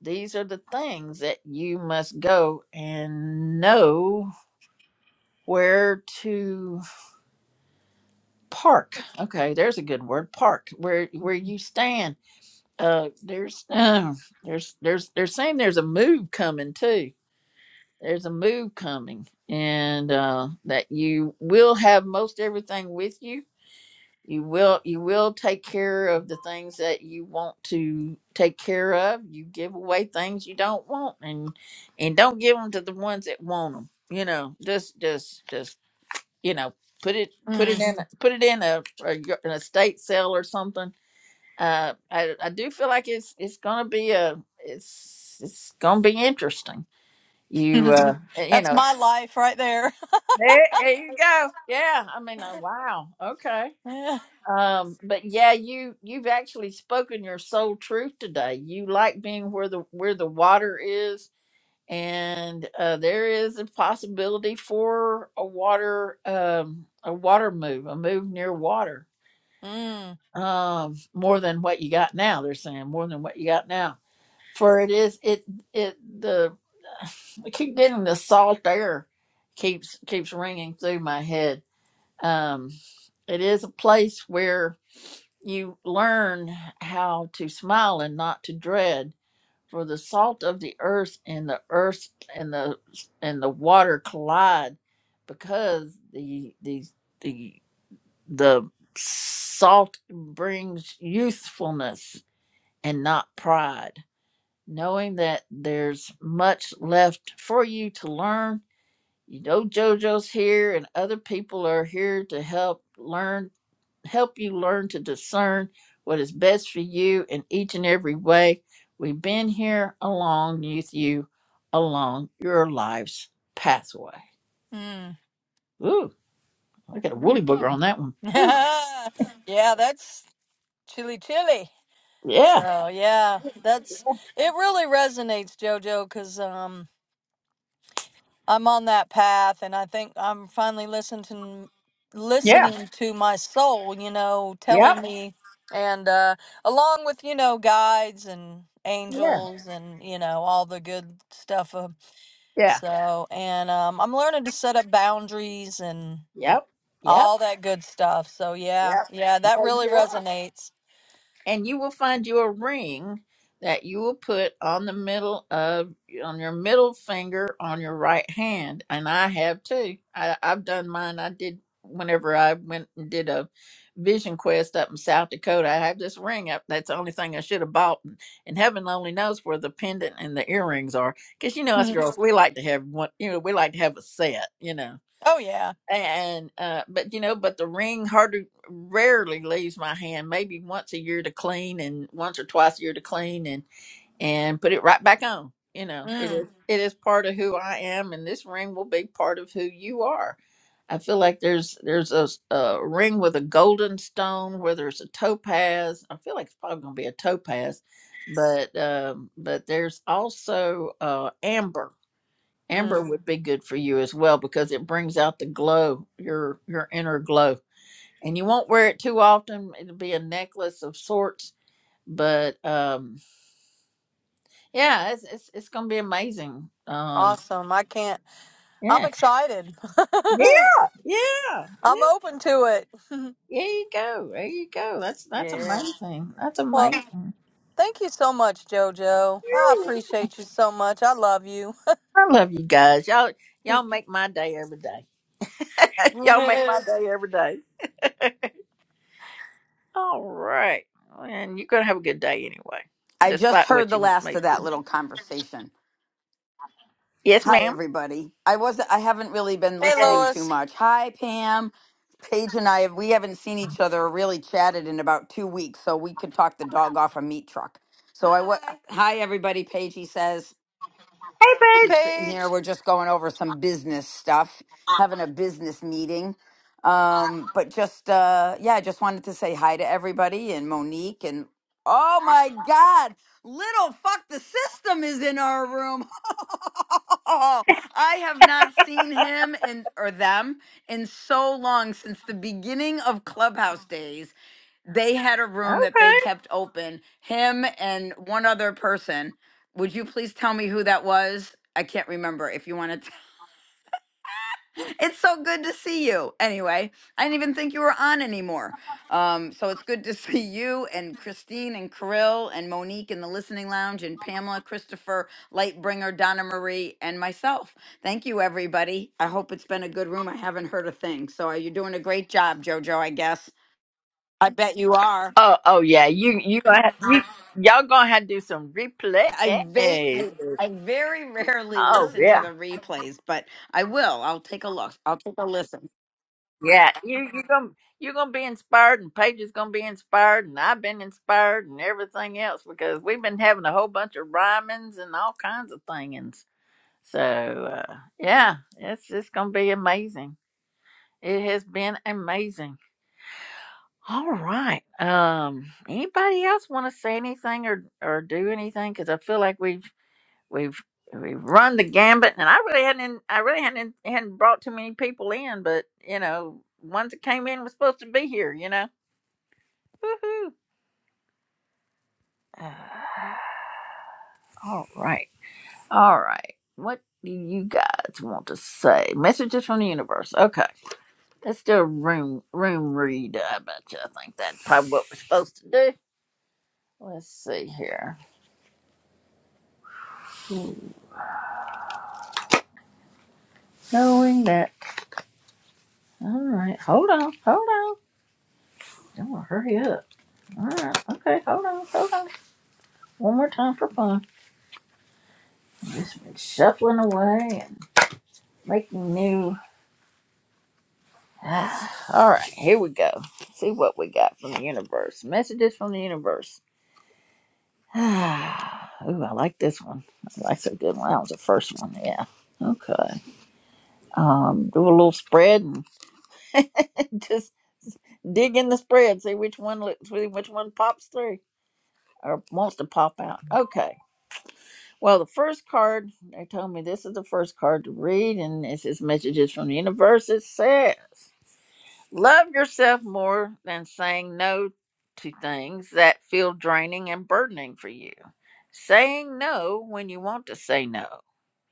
Speaker 1: These are the things that you must go and know where to park. Okay, there's a good word, park. Where where you stand uh, there's uh, there's there's they're saying there's a move coming too. There's a move coming, and uh, that you will have most everything with you. You will you will take care of the things that you want to take care of. You give away things you don't want, and and don't give them to the ones that want them. You know, just just just you know, put it put it
Speaker 8: Mm.
Speaker 1: in a- put it in a, a y- an estate sale or something uh, I, I do feel like it's it's gonna be a it's it's gonna be interesting. You uh you
Speaker 8: That's
Speaker 1: know
Speaker 8: my life right there.
Speaker 1: there, there you go. Yeah, I mean uh, wow okay.
Speaker 8: Yeah.
Speaker 1: Um, but yeah, you you've actually spoken your soul truth today. You like being where the where the water is, and uh, there is a possibility for a water um a water move, a move near water.
Speaker 8: Mm,
Speaker 1: Um, more than what you got now. They're saying more than what you got now For it is it it the I keep getting the salt air keeps keeps ringing through my head. Um, it is a place where you learn how to smile and not to dread. For the salt of the earth and the earth and the and the water collide, because the the the the salt brings youthfulness and not pride knowing that there's much left for you to learn. You know, JoJo's here, and other people are here to help learn, help you learn to discern what is best for you in each and every way. We've been here along with you along your life's pathway.
Speaker 8: mm,
Speaker 1: Ooh, I got a woolly
Speaker 8: mm.
Speaker 1: booger on that one. Ooh,
Speaker 8: yeah, that's chilly, chilly.
Speaker 1: yeah,
Speaker 8: So yeah, that's it. Really resonates, Jojo, because um, I'm on that path, and I think I'm finally listening to,
Speaker 1: yeah,
Speaker 8: listening to my soul. You know, telling
Speaker 1: yep,
Speaker 8: me, and uh, along with you know guides and
Speaker 1: yeah,
Speaker 8: angels and you know all the good stuff. Um,
Speaker 1: yeah,
Speaker 8: so, and um, I'm learning to set up boundaries and
Speaker 1: yep, yep,
Speaker 8: all that good stuff. So yeah,
Speaker 1: yep.
Speaker 8: yeah, that
Speaker 1: yeah,
Speaker 8: really
Speaker 1: you are.
Speaker 8: resonates.
Speaker 1: and you will find you a ring that you will put on the middle of on your middle finger on your right hand and i have too I, i've done mine i did whenever i went and did a vision quest up in south dakota i have this ring up that's the only thing i should have bought and, and heaven only knows where the pendant and the earrings are because you know us
Speaker 8: Mhm.
Speaker 1: girls we like to have one you know we like to have a set you know
Speaker 8: Oh yeah.
Speaker 1: and uh but you know but the ring hardly rarely leaves my hand maybe once a year to clean and once or twice a year to clean and and put it right back on you know it is
Speaker 8: Mm,
Speaker 1: it is part of who i am and this ring will be part of who you are i feel like there's there's a, s- a ring with a golden stone whether it's a topaz i feel like it's probably going to be a topaz but um but there's also uh amber Amber
Speaker 8: mm,
Speaker 1: would be good for you as well because it brings out the glow, your your inner glow. And you won't wear it too often. It'll be a necklace of sorts, but um yeah, it's it's, it's going to be amazing. Um
Speaker 8: awesome. I can't. I'm
Speaker 1: yeah.
Speaker 8: excited.
Speaker 1: Yeah. Yeah. Yeah.
Speaker 8: I'm open to it.
Speaker 1: There you go. There you go. That's that's
Speaker 8: yeah.
Speaker 1: amazing. That's
Speaker 8: Well,
Speaker 1: amazing.
Speaker 8: thank you so much, JoJo. I
Speaker 1: You're-
Speaker 8: appreciate you so much. I love you.
Speaker 1: I love you guys. Y'all y'all make my day every day. y'all make my day every day. All right. Well, And you're going to have a good day anyway,
Speaker 9: I just
Speaker 1: despite
Speaker 9: heard
Speaker 1: what
Speaker 9: the
Speaker 1: you
Speaker 9: last
Speaker 1: may
Speaker 9: of that little conversation.
Speaker 1: Yes,
Speaker 9: Hi,
Speaker 1: ma'am.
Speaker 9: everybody. I wasn't. I haven't really been
Speaker 8: Hey,
Speaker 1: Hey,
Speaker 9: listening too
Speaker 8: Lois.
Speaker 9: much. Hi, Pam. Paige and I. We haven't seen each other or really chatted in about two weeks, so we could talk the dog off a meat truck. So I. wa- Hi, everybody. Paige, he says.
Speaker 8: Hey,
Speaker 9: She's
Speaker 1: Paige.
Speaker 9: sitting here.
Speaker 8: Paige.
Speaker 9: We're just going over some business stuff, having a business meeting. Um, but just uh yeah, I just wanted to say hi to everybody and Monique and oh my god, little fuck the system is in our room. I have not seen him and or them in so long since the beginning of Clubhouse days they had a room that they
Speaker 1: Okay.
Speaker 9: kept open him and one other person would you please tell me who that was i can't remember if you want to it's so good to see you anyway i didn't even think you were on anymore um, so it's good to see you and christine and Kirill and monique in the listening lounge and pamela christopher lightbringer donna marie and myself thank you everybody i hope it's been a good room i haven't heard a thing so are you doing a great job jojo i guess i bet you are
Speaker 1: Oh, oh yeah. You you gonna have, you, y'all gonna have to do some replay.
Speaker 9: I, va- I I very rarely
Speaker 1: Oh
Speaker 9: listen to
Speaker 1: yeah,
Speaker 9: the replays, but I will. I'll take a look. I'll take a listen.
Speaker 1: yeah. You you gonna you gonna be inspired, and Paige is gonna be inspired, and I've been inspired, and everything else because we've been having a whole bunch of rhymings and all kinds of things. So uh, yeah, it's just gonna be amazing. It has been amazing. All right. Um, anybody else want to say anything or or do anything? Because I feel like we've we've we've run the gambit, and I really hadn't I really hadn't hadn't brought too many people in, but you know, ones that came in was supposed to be here. You know. Woohoo. Uh, all right. All right. What do you guys want to say? Messages from the universe. Okay. Let's do a room room read. I bet you. I think that's probably what we're supposed to do. Let's see here. knowing that. All right, hold on, hold on. Don't want to hurry up. All right, okay, hold on, hold on. One more time for fun. Just been shuffling away and making new. Ah, all right, here we go. Let's See what we got from the universe. Messages from the universe. Ah, Ooh, I like this one. That's a good one. That was the first one. Yeah. Okay. Um, do a little spread and just dig in the spread. See which one, li- see which one pops through or wants to pop out. Okay. Well, the first card, they told me this is the first card to read, and it says messages from the universe. It says, Love yourself more than saying no to things that feel draining and burdening for you. Saying no when you want to say no.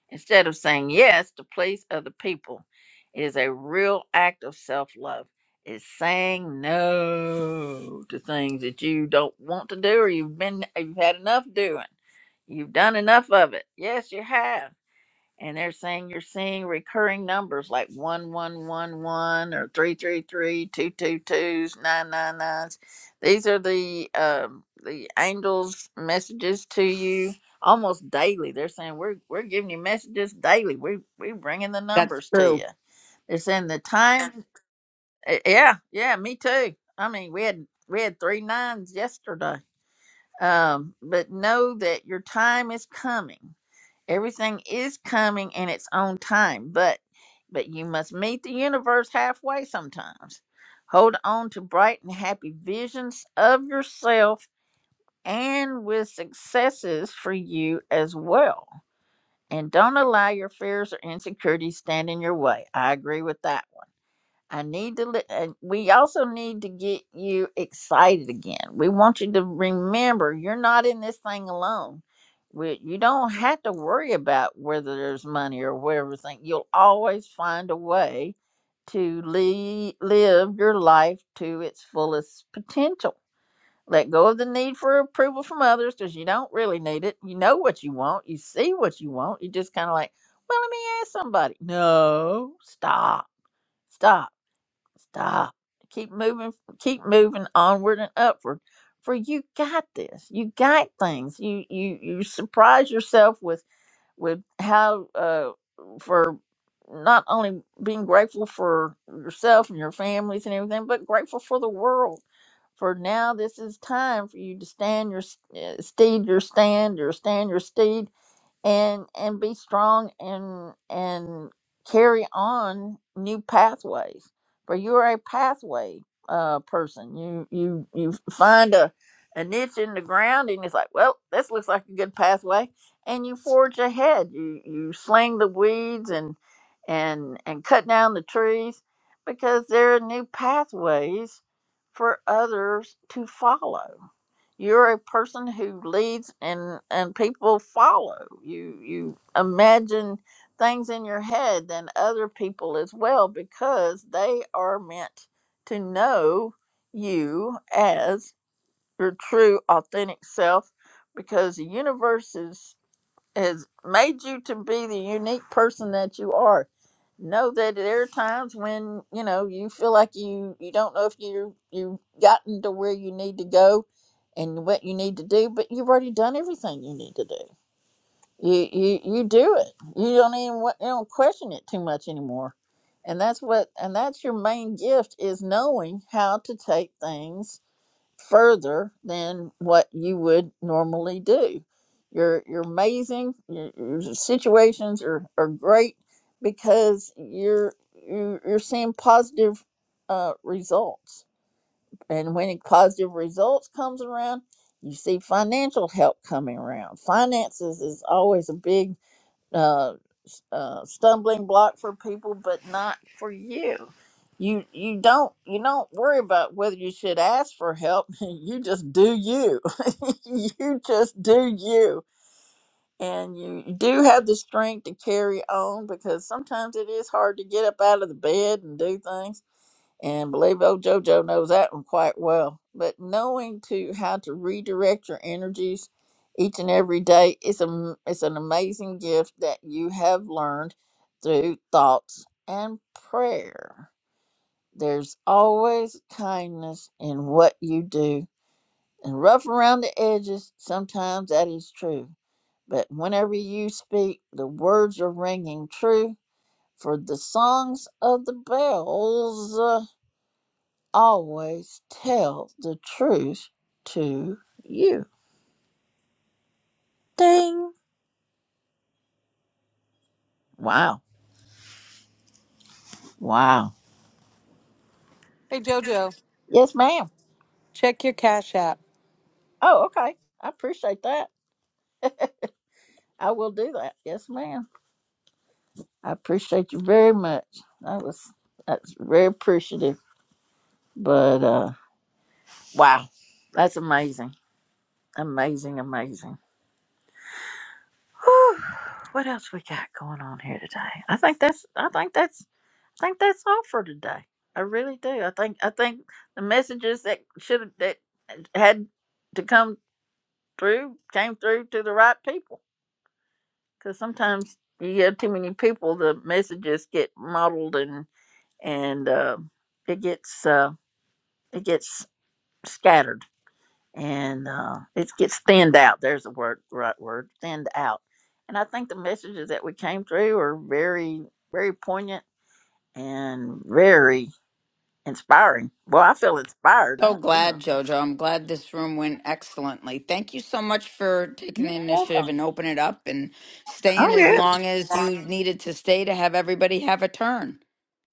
Speaker 1: Instead of saying yes to please other people, it is a real act of self love. It's saying no to things that you don't want to do or you've been you've had enough doing. You've done enough of it. Yes, you have and they're saying you're seeing recurring numbers like 1111 or three three three two two twos nine nine nines. these are the um, the angels messages to you almost daily they're saying we're we're giving you messages daily we we bringing the
Speaker 9: That's
Speaker 1: numbers to
Speaker 9: true.
Speaker 1: you they're saying the time Eh, yeah yeah me too i mean we had we had three nines yesterday um but know that your time is coming everything is coming in its own time but but you must meet the universe halfway sometimes hold on to bright and happy visions of yourself and with successes for you as well and don't allow your fears or insecurities stand in your way i agree with that one. I need to. Li- and we also need to get you excited again. We want you to remember you're not in this thing alone. We, you don't have to worry about whether there's money or whatever thing. You'll always find a way to le- live your life to its fullest potential. Let go of the need for approval from others because you don't really need it. You know what you want. You see what you want. You just kind of like, well, let me ask somebody. No, stop, stop Stop. Keep moving, keep moving onward and upward. For you got this. You got things. You you you surprise yourself with with how uh for not only being grateful for yourself and your families and everything, but grateful for the world. For now, this is time for you to stand your s- uh, steed, your stand, your stand, your steed, and and be strong and and carry on new pathways for you're a pathway uh person you you you find a a niche in the ground and it's like well this looks like a good pathway and you forge ahead you you sling the weeds and and and cut down the trees because there are new pathways for others to follow you're a person who leads and and people follow. You you imagine things in your head than other people as well because they are meant to know you as your true authentic self because the universe is has made you to be the unique person that you are. Know that there are times when you know you feel like you you don't know if you you've gotten to where you need to go and what you need to do, but you've already done everything you need to do. You you you do it. You don't even wa- you don't question it too much anymore, and that's what and that's your main gift is knowing how to take things further than what you would normally do. You're you're amazing. Your, your situations are, are great because you're you're, you're seeing positive uh, results. And when positive results comes around, you see financial help coming around. Finances is always a big uh, uh, stumbling block for people, but not for you. You you don't you don't worry about whether you should ask for help. You just do you. you just do you, and you do have the strength to carry on because sometimes it is hard to get up out of the bed and do things and believe old JoJo knows that one quite well. But knowing to how to redirect your energies each and every day is a is an amazing gift that you have learned through thoughts and prayer. There's always kindness in what you do. And rough around the edges, sometimes that is true. But whenever you speak, the words are ringing true. For the songs of the bells uh, always tell the truth to you. Ding. Wow. Wow.
Speaker 8: Hey, JoJo.
Speaker 1: Yes, ma'am.
Speaker 8: Check your Cash App.
Speaker 1: Oh, okay. I appreciate that. I will do that. Yes, ma'am. I appreciate you very much. That was that's very appreciative. But uh wow. That's amazing. Amazing, amazing. Whew. What else we got going on here today? I think that's I think that's think that's all for today. I really do. I think I think the messages that should have that had to come through came through to the right people. Because sometimes you get too many people, the messages get muddled and and uh, it gets uh, it gets scattered and uh, it gets thinned out. There's the word, right word, thinned out. And I think the messages that we came through are very very poignant and very Inspiring. Well, I feel inspired.
Speaker 9: So
Speaker 1: I, you know.
Speaker 9: glad, Jojo. I'm glad this room went excellently. Thank you so much for taking
Speaker 1: You're
Speaker 9: the initiative
Speaker 1: welcome.
Speaker 9: and open it up and staying
Speaker 1: Oh
Speaker 9: as
Speaker 1: yeah.
Speaker 9: long as you needed to stay to have everybody have a turn.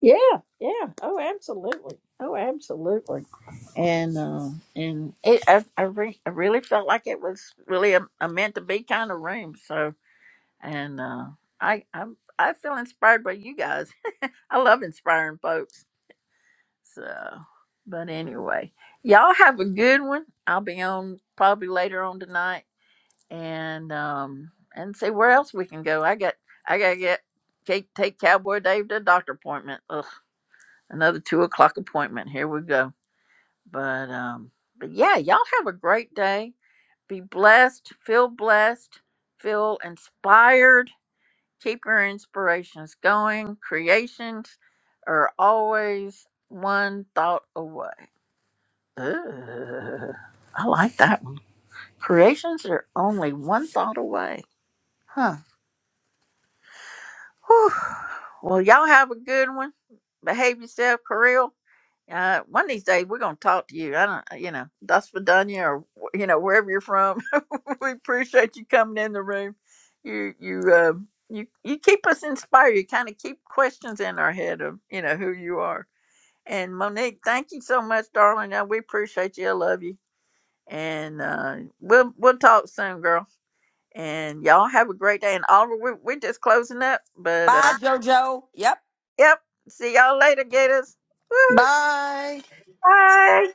Speaker 1: Yeah, yeah. Oh, absolutely. Oh, absolutely. And uh, and it, I I, re- I really felt like it was really a, a meant to be kind of room. So and uh, I I I feel inspired by you guys. I love inspiring folks. So, but anyway, y'all have a good one. I'll be on probably later on tonight and um and see where else we can go. I got I gotta get take take Cowboy Dave to a doctor appointment. Ugh, another two o'clock appointment. Here we go. But um but yeah, y'all have a great day. Be blessed, feel blessed, feel inspired, keep your inspirations going. Creations are always one thought away. Ugh, I like that one. Creations are only one thought away. Huh. Whew. Well, y'all have a good one. Behave yourself, Kirill. Uh, one of these days we're gonna talk to you. I don't, you know, that's Vidania or you know wherever you're from. we appreciate you coming in the room. You you um you you keep us inspired. You kind of keep questions in our head of you know who you are. And Monique, thank you so much, darling. Uh, we appreciate you. I love you. And uh, we'll we'll talk soon, girl. And y'all have a great day. And Oliver, we, we're just closing up, but. Uh,
Speaker 9: Bye, Jojo. Yep.
Speaker 1: Yep. See y'all later, Gators. Woo.
Speaker 8: Bye.
Speaker 1: Bye.